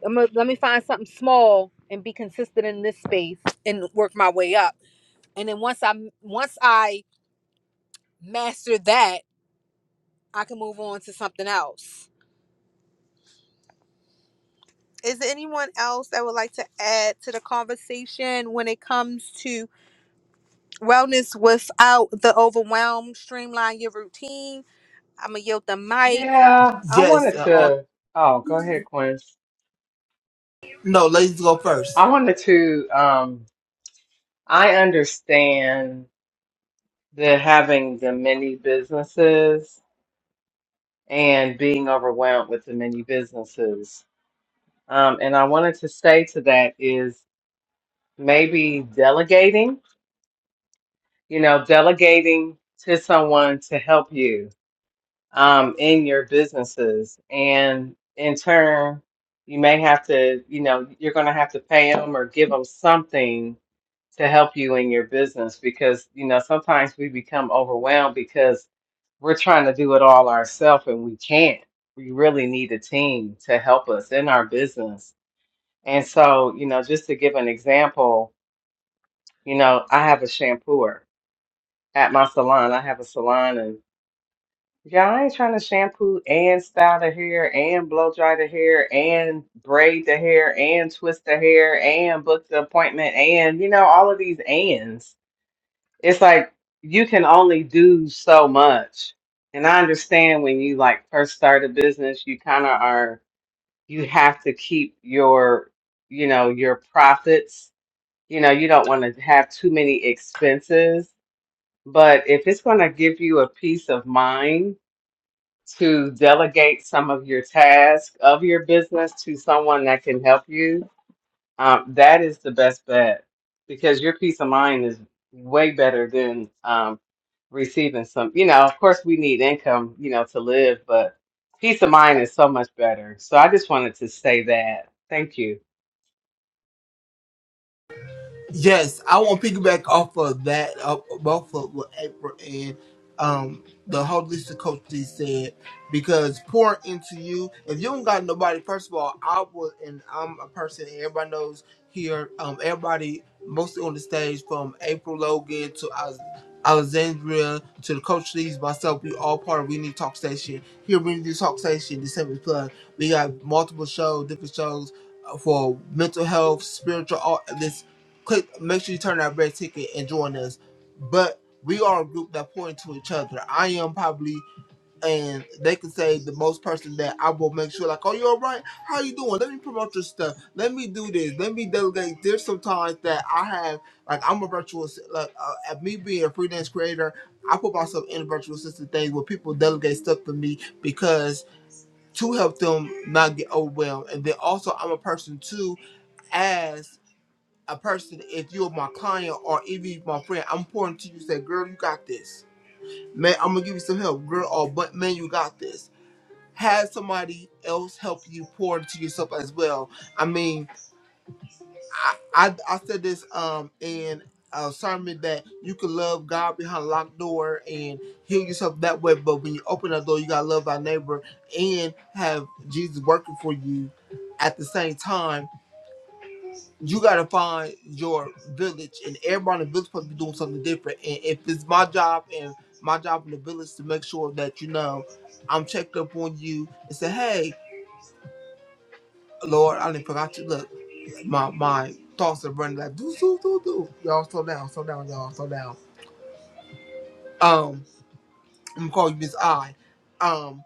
I'm gonna, let me find something small and be consistent in this space and work my way up and then once i once i master that i can move on to something else is there anyone else that would like to add to the conversation when it comes to wellness without the overwhelm streamline your routine i'm gonna yield the mic
Yeah, I
Yes.
wanted
Uh, all-
to. Oh, go ahead, Quince.
no, ladies go first.
I wanted to. Um, I understand the having the many businesses and being overwhelmed with the many businesses. Um, and I wanted to say to that is maybe delegating, you know, delegating to someone to help you um, in your businesses. And in turn, you may have to, you know, you're going to have to pay them or give them something to help you in your business because, you know, sometimes we become overwhelmed because we're trying to do it all ourselves and we can't. We really need a team to help us in our business and so, you know, just to give an example, you know, I have a shampooer at my salon. I have a salon and yeah, I ain't trying to shampoo and style the hair and blow dry the hair and braid the hair and twist the hair and book the appointment and, you know, all of these ands. It's like you can only do so much. And I understand when you like first start a business, you kind of are, you have to keep your, you know, your profits you know, you don't want to have too many expenses, but if it's going to give you a peace of mind to delegate some of your tasks of your business to someone that can help you, um, that is the best bet because your peace of mind is way better than um, receiving some. You know, of course, we need income, you know, to live, but peace of mind is so much better. So I just wanted to say that. Thank you.
Yes, I want to piggyback off of that, uh, both of what April and um, the holistic coach D said, because pouring into you, if you don't got nobody, first of all, I would, and I'm a person everybody knows here, um, everybody mostly on the stage from April Logan to Alex- Alexandria to the coach Lee's, myself, we all part of We Need Talk Station. Here, We Need Talk Station, December Plug. We got multiple shows, different shows uh, for mental health, spiritual, all this click make sure you turn that red ticket and join us. But we are a group that point to each other. I am probably and they can say the most person that I will make sure like, Oh, you alright? How you doing? Let me promote your stuff. Let me do this. Let me delegate. There's sometimes that I have like I'm a virtual like uh, at me being a freelance creator, I put myself in a virtual assistant thing where people delegate stuff to me because to help them not get overwhelmed. And then also I'm a person too as a person, if you're my client or even my friend, I'm pouring to you. Say, girl, you got this. Man, I'm gonna give you some help, girl. Or but man, you got this. Have somebody else help you pour into yourself as well. I mean, I I, I said this um in a sermon that you can love God behind a locked door and heal yourself that way. But when you open that door, you gotta love thy neighbor and have Jesus working for you at the same time you gotta find your village, and everybody in the village supposed to be doing something different. And if it's my job and my job in the village to make sure that you know I'm checked up on you and say, hey, Lord, I didn't forgot you. Look, my my thoughts are running like do do do do. Y'all slow down, slow down, y'all slow down. Um, I'm gonna call you Miss I. Um.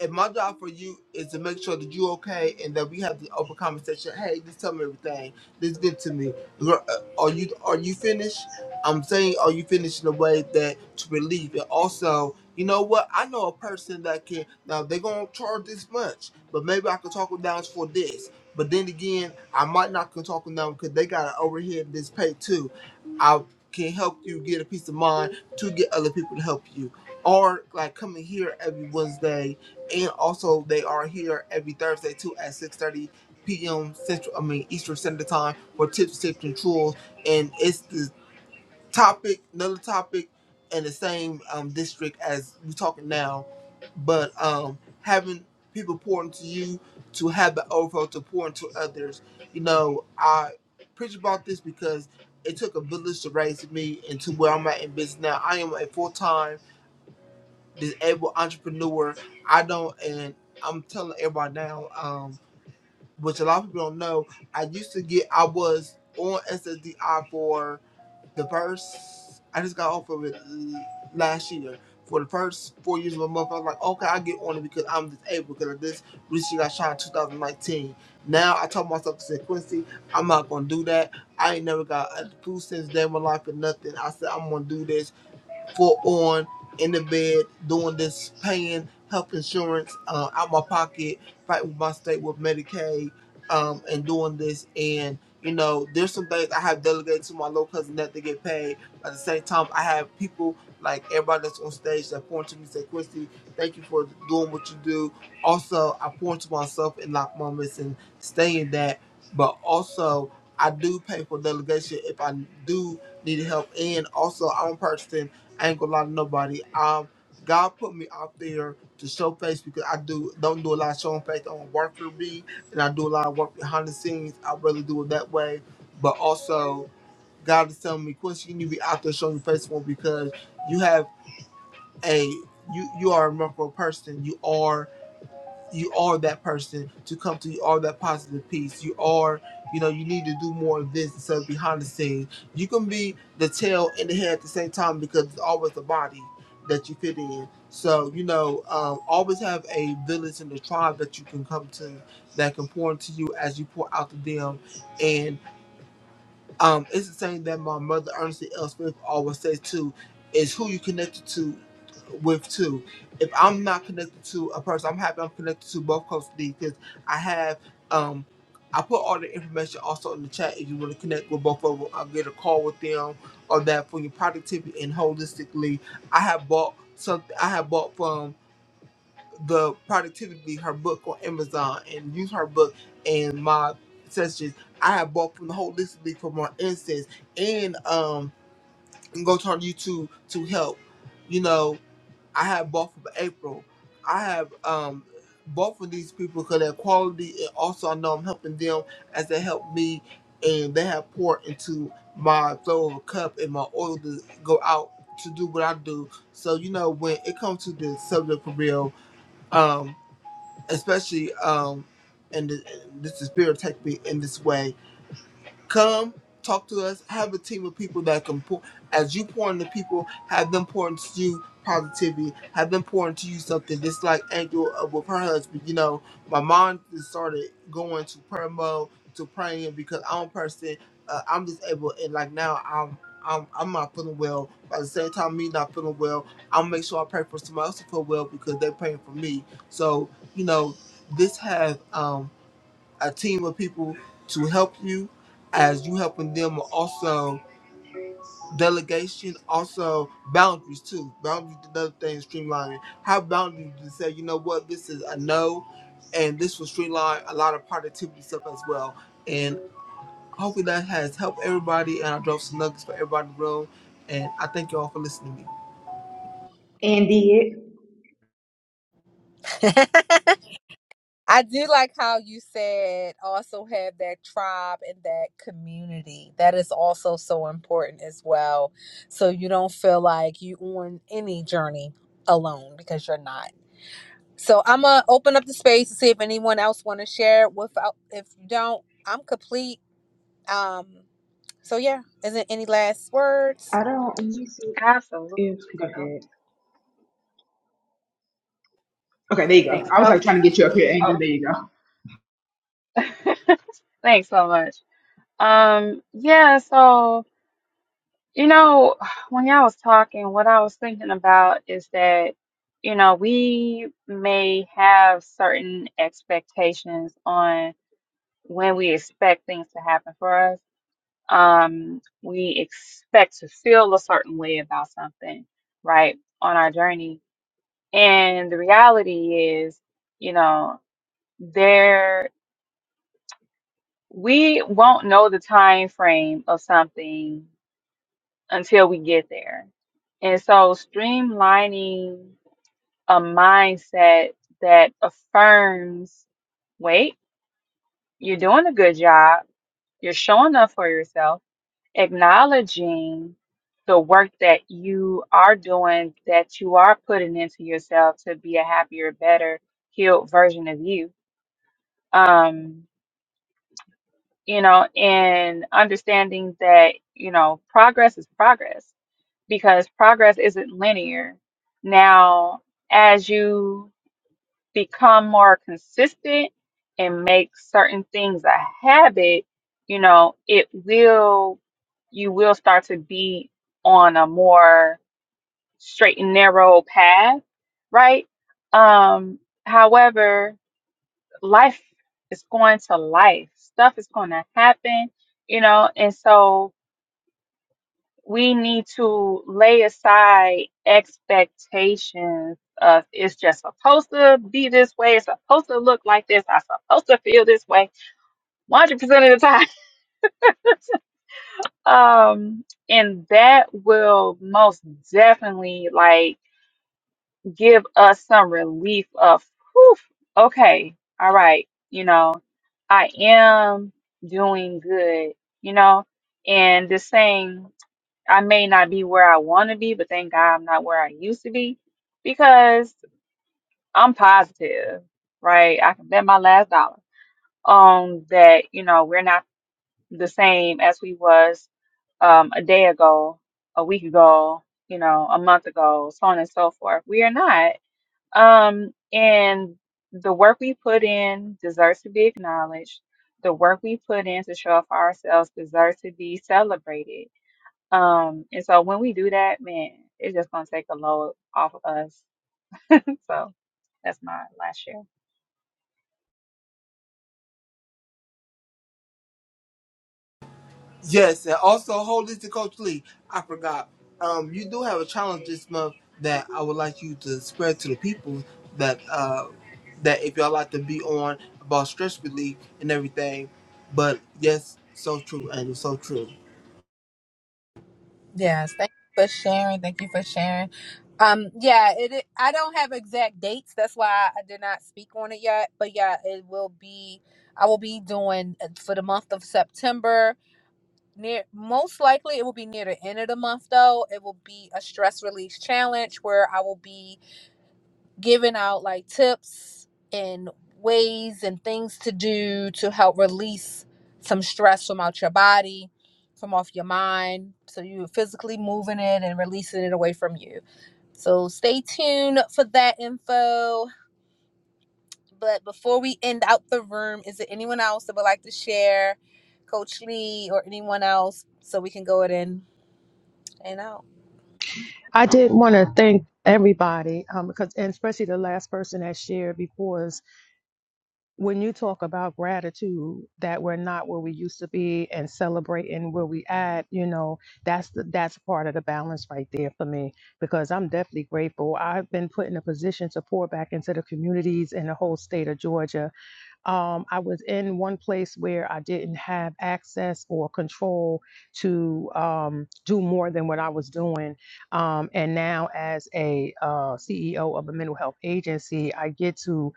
and my job for you is to make sure that you okay and that we have the open conversation. Hey, just tell me everything. Just give it to me. Girl, uh, Are you are you finished? I'm saying, are you finished in a way that to relieve And Also, you know what? I know a person that can. Now they're gonna charge this much, but maybe I could talk them down for this. But then again, I might not can talk them down because they got an overhead this pay too. I can help you get a peace of mind to get other people to help you, or like coming here every Wednesday and also they are here every Thursday too at 6:30 p.m. Central. I mean Eastern Standard Time for tips, tips, and tools, and it's the topic, another topic, in the same um, district as we're talking now, but um, having people pour into you to have the overflow to pour into others. You know, I preach about this because it took a village to raise me into where I'm at in business now. I am a full time disabled entrepreneur. I don't, and I'm telling everybody now, um, which a lot of people don't know. I used to get, I was on SSDI for the first. I just got off of it last year. For the first four years of my month, I was like, okay, I get on it because I'm disabled because of this recently got shot in 2019. Now I told myself, I said, Quincy, I'm not gonna do that. I ain't never got a food since day in my life or nothing. I said I'm gonna do this for on in the bed doing this paying health insurance uh, out my pocket, fighting with my state with Medicaid, um, and doing this. And you know, there's some things I have delegated to my little cousin that they get paid. At the same time, I have people like everybody that's on stage that point to me and say, Christy, thank you for doing what you do. Also, I point to myself in lock moments and stay in that. But also, I do pay for delegation if I do need help. And also, I'm a person. I ain't gonna lie to nobody. Um, God put me out there to show face because I do don't do a lot of showing face on work for me and I do a lot of work behind the scenes. I really do it that way. But also, God is telling me, Quincy, you need to be out there showing your face more because you have a you you are a remarkable person. You are you are that person to come to you are that positive piece you are you know you need to do more of this instead of behind the scenes you can be the tail and the head at the same time because it's always the body that you fit in so you know um, always have a village and a tribe that you can come to that can pour into you as you pour out to them and. Um, it's the same that my mother Ernestine L. Smith always says too, is who you connected to with too. If I'm not connected to a person, I'm happy I'm connected to both Coach D because I have um I put all the information also in the chat if you want to connect with both of them. I'll get a call with them or that for your productivity and holistically. I have bought something I have bought from the productivity her book on Amazon and use her book and my sessions. I have bought from the holistically for more instance and um and go to her YouTube to help. You know, I have bought from April. I have um bought from these people because their quality and also I know I'm helping them as they help me and they have poured into my flow of a cup and my oil to go out to do what I do. So you know when it comes to the subject for real, um especially um and th- this is spirit attacked me in this way Come talk to us. Have a team of people that can pour as you pour into people, have them pour into you positivity, have them pour into you something. Just like Angel uh, with her husband, you know, my mom just started going to prayer mode to praying because I'm a person. Uh, I'm disabled, and like now I'm. I'm, I'm not feeling well. By the same time, me not feeling well, I'll make sure I pray for somebody else to feel well because they're praying for me. So, you know, this has um, a team of people to help you as you helping them also delegation also boundaries too boundaries is another thing streamlining have boundaries to say you know what this is a no and this will streamline a lot of productivity stuff as well and hopefully that has helped everybody and i drove some nuggets for everybody in the room and i thank you all for listening to me
And did
I do like how you said also have that tribe and that community. That is also so important as well. So you don't feel like you on any journey alone because you're not. So I'm gonna open up the space to see if anyone else want to share. Without, if you don't, I'm complete. Um. So yeah, is there any last words?
I don't let me see
absolutely
if go
Oh,
ahead. Okay, there you go.
thanks
I was like trying
coach
to get you up here, Angel. There
oh.
you go.
thanks so much um yeah so You know, when y'all was talking, what I was thinking about is that, you know, we may have certain expectations on when we expect things to happen for us. Um, we expect to feel a certain way about something, right, on our journey. And the reality is, you know, there we won't know the time frame of something until we get there. And so, streamlining a mindset that affirms wait, you're doing a good job, you're showing up for yourself, acknowledging the work that you are doing, that you are putting into yourself to be a happier, better, healed version of you. Um, you know, and understanding that, you know, progress is progress because progress isn't linear. Now, as you become more consistent and make certain things a habit, you know, it will, you will start to be on a more straight and narrow path, right? Um, however, life is going to life, stuff is going to happen, you know, and so we need to lay aside expectations of it's just supposed to be this way, it's supposed to look like this, I'm supposed to feel this way 100% of the time. Um, and that will most definitely like give us some relief of, whew, okay, all right, you know, I am doing good, you know, and the same. I may not be where I want to be, but thank God I'm not where I used to be because I'm positive, right? I can bet my last dollar on that, you know, we're not the same as we was um, a day ago, a week ago, you know, a month ago, so on and so forth. We are not. Um, and the work we put in deserves to be acknowledged. The work we put in to show up for ourselves deserves to be celebrated um, and so when we do that, man, it's just gonna take a load off of us. so that's my last share.
Yes, and also hold this to Coach Lee. I forgot. Um, you do have a challenge this month that I would like you to spread to the people that uh that if y'all like to be on about stress relief and everything. But yes, so true, Angel, so true.
Yes, thank you for sharing. Thank you for sharing. Um, yeah, it. it- I don't have exact dates. That's why I did not speak on it yet. But yeah, it will be. I will be doing it for the month of September. Near, most likely, it will be near the end of the month, though. It will be a stress release challenge where I will be giving out like tips and ways and things to do to help release some stress from out your body, from off your mind. So you're physically moving it and releasing it away from you. So stay tuned for that info. But before we end out the room, is there anyone else that would like to share, Coach Lee or anyone else, so we can go it in and out?
i did want to thank everybody um, because and especially the last person that shared before us when you talk about gratitude that we're not where we used to be and celebrating where we at you know that's the that's part of the balance right there for me because i'm definitely grateful i've been put in a position to pour back into the communities in the whole state of georgia um, i was in one place where i didn't have access or control to um, do more than what i was doing um, and now as a uh, ceo of a mental health agency i get to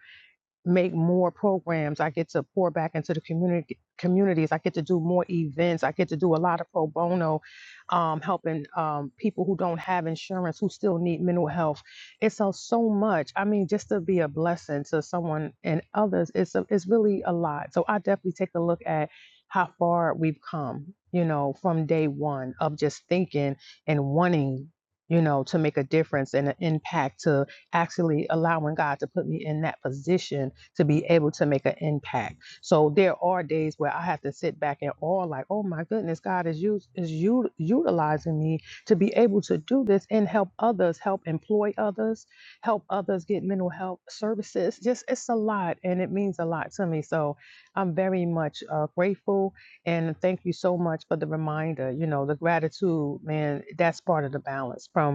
make more programs. I get to pour back into the community communities. I get to do more events. I get to do a lot of pro bono, um, helping um, people who don't have insurance who still need mental health. It's so so much. I mean, just to be a blessing to someone and others, it's a, it's really a lot. So I definitely take a look at how far we've come. You know, from day one of just thinking and wanting. You know, to make a difference and an impact to actually allowing God to put me in that position to be able to make an impact. So there are days where I have to sit back and awe, like, oh my goodness, God is use is you utilizing me to be able to do this and help others, help employ others, help others get mental health services. Just it's a lot, and it means a lot to me. So I'm very much uh, grateful, and thank you so much for the reminder. You know, the gratitude, man. That's part of the balance from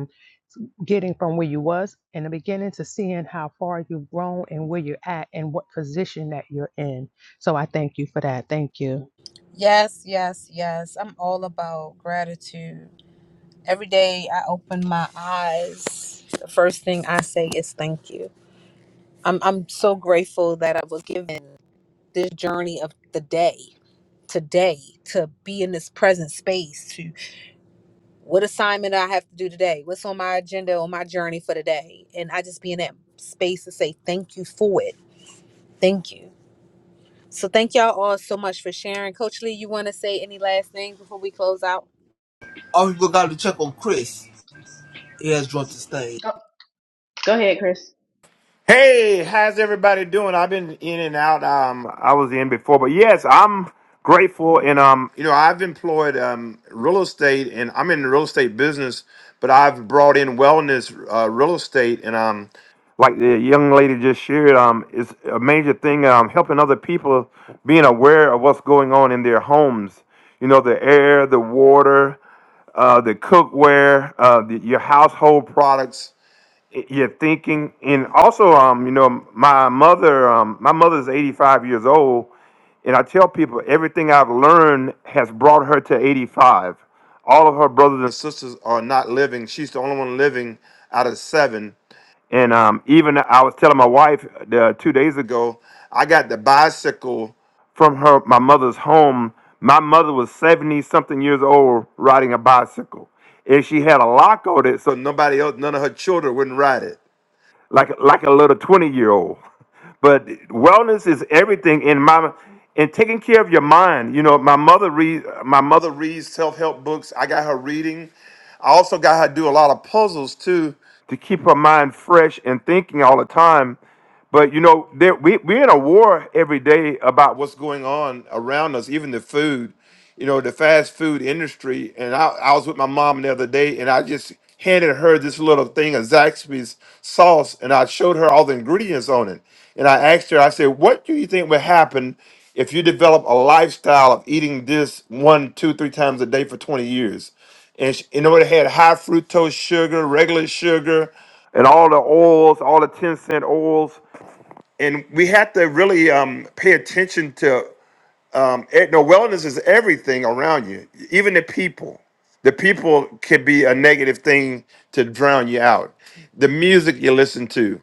getting from where you was in the beginning to seeing how far you've grown and where you're at and what position that you're in. So I thank you for that. Thank you.
Yes, yes, yes. I'm all about gratitude. Every day I open my eyes, the first thing I say is thank you. I'm I'm so grateful that I was given this journey of the day today to be in this present space to what assignment I have to do today, what's on my agenda on my journey for the day? And I just be in that space to say thank you for it. Thank you. So thank y'all all so much for sharing. Coach Lee, you wanna say any last things before we close out?
All people gotta check on Chris. He has dropped the stage.
Go, go ahead, Chris.
Hey, how's everybody doing? I've been in and out. Um, I was in before, but yes, I'm grateful. And um, you know, I've employed um real estate, and I'm in the real estate business, but I've brought in wellness uh, real estate, and um, like the young lady just shared, um, it's a major thing. Um, helping other people being aware of what's going on in their homes. You know, the air, the water, uh, the cookware, uh, the, your household products you're thinking and also um you know my mother um my mother's 85 years old and i tell people everything i've learned has brought her to 85 all of her brothers and sisters are not living she's the only one living out of seven and um even i was telling my wife uh, two days ago i got the bicycle from her my mother's home. My mother was 70 something years old riding a bicycle. And she had a lock on it so nobody else, none of her children wouldn't ride it. Like like a little 20 year old. But wellness is everything in my and taking care of your mind. You know, my mother read my mother reads self-help books. I got her reading. I also got her to do a lot of puzzles too to keep her mind fresh and thinking all the time. But you know, there, we, we're in a war every day about what's going on around us, even the food you know, the fast food industry. And I, I was with my mom the other day and I just handed her this little thing of Zaxby's sauce and I showed her all the ingredients on it. And I asked her, I said, what do you think would happen if you develop a lifestyle of eating this one, two, three times a day for 20 years? And she, you know, it had high fructose sugar, regular sugar, and all the oils, all the 10 cent oils. And we have to really um, pay attention to um it, no wellness is everything around you even the people the people can be a negative thing to drown you out the music you listen to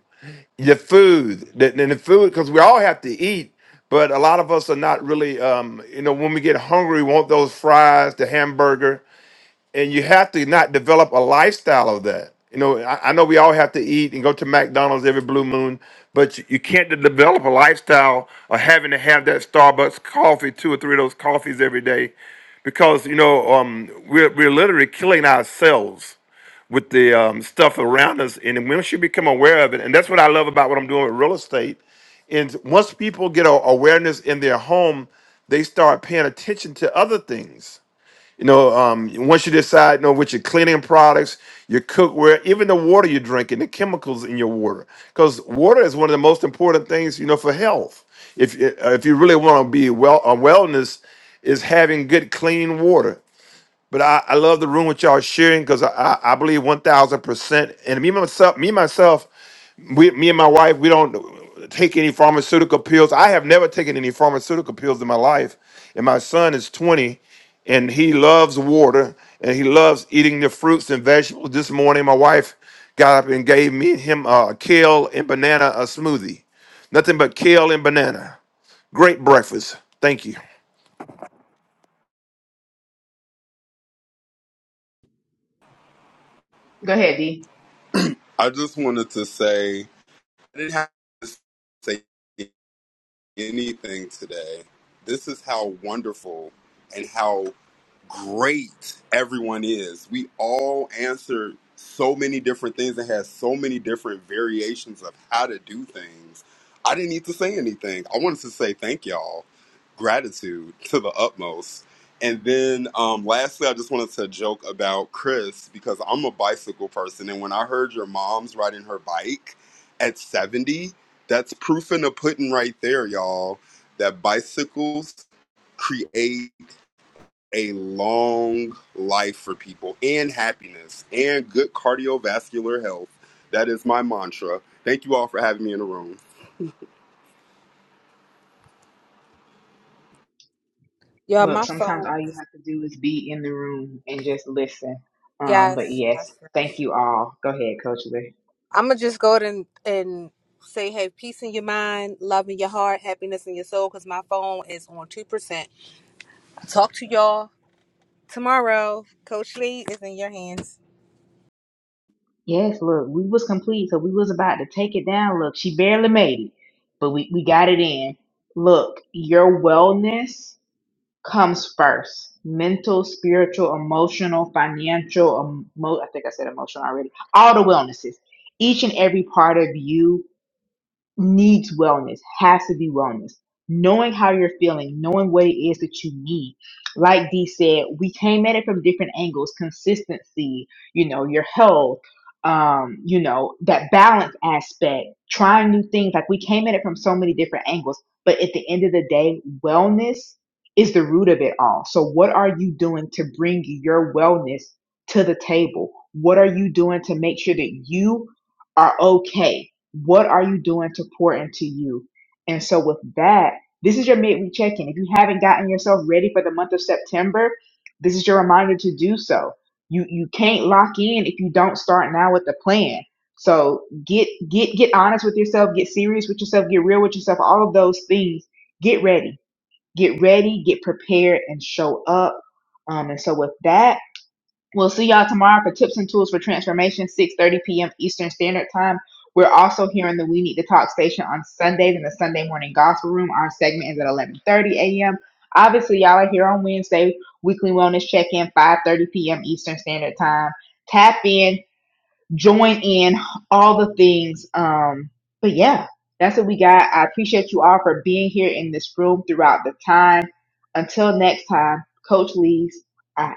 the food the, and the food because we all have to eat but a lot of us are not really um you know when we get hungry we want those fries the hamburger and you have to not develop a lifestyle of that. You know, I, I know we all have to eat and go to McDonald's every blue moon, but you, you can't de- develop a lifestyle of having to have that Starbucks coffee, two or three of those coffees every day, because you know um, we're we're literally killing ourselves with the um, stuff around us, and once you become aware of it, and that's what I love about what I'm doing with real estate, and once people get a awareness in their home, they start paying attention to other things you know, um, once you decide, you know, with your cleaning products, your cookware, even the water you're drinking, the chemicals in your water, because water is one of the most important things, you know, for health. If uh, if you really want to be well, uh, wellness is having good, clean water. But I, I love the room with y'all sharing because I, I, I believe one thousand percent. And me myself, me myself, we, me and my wife, we don't take any pharmaceutical pills. I have never taken any pharmaceutical pills in my life. And my son is 20 and he loves water and he loves eating the fruits and vegetables. This morning, my wife got up and gave me and him a kale and banana a smoothie. Nothing but kale and banana. Great breakfast. Thank you.
Go ahead, D.
I just wanted to say I didn't have to say anything today. This is how wonderful and how great everyone is. We all answered so many different things and had so many different variations of how to do things. I didn't need to say anything. I wanted to say thank y'all, gratitude to the utmost. And then um, lastly, I just wanted to joke about Chris because I'm a bicycle person. And when I heard your mom's riding her bike at 70, that's proof in the pudding right there, y'all, that bicycles create a long life for people and happiness and good cardiovascular health. That is my mantra. Thank you all for having me in the room.
Yeah,
Look,
my
sometimes
phone.
all you have to do is be in the room and just listen. Um, but
Yes,
yes,
yes, yes.
thank you all. Go ahead, Coach Lee.
I'm gonna just go ahead and, and say, hey, peace in your mind, love in your heart, happiness in your soul, because my phone is on 2%. Talk to y'all tomorrow. Coach Lee is in your hands.
Yes, look, we was complete, so we was about to take it down. Look, she barely made it, but we, we got it in. Look, your wellness. comes first mental spiritual emotional financial emo- i think i said emotional already all the wellnesses each and every part of you needs wellness, has to be wellness. Knowing how you're feeling, knowing what it is that you need. Like Dee said, we came at it from different angles consistency, you know, your health, um, you know, that balance aspect, trying new things. Like we came at it from so many different angles. But at the end of the day, wellness is the root of it all. So, what are you doing to bring your wellness to the table? What are you doing to make sure that you are okay? What are you doing to pour into you? And so, with that, this is your midweek check in. If you haven't gotten yourself ready for the month of September, this is your reminder to do so. You you can't lock in if you don't start now with the plan. So get get get honest with yourself, get serious with yourself, get real with yourself, all of those things. Get ready. Get ready, get prepared, and show up. Um, and so with that, We'll see y'all tomorrow for tips and tools for transformation, 6.30 p.m. Eastern Standard Time. We're also here on the We Need to Talk station on Sundays in the Sunday Morning Gospel Room. Our segment is at 11.30 a.m. Obviously, y'all are here on Wednesday, Weekly Wellness Check-In, 5.30 p.m. Eastern Standard Time. Tap in, join in, all the things. Um, but yeah, that's what we got. I appreciate you all for being here in this room throughout the time. Until next time, Coach Lee's out.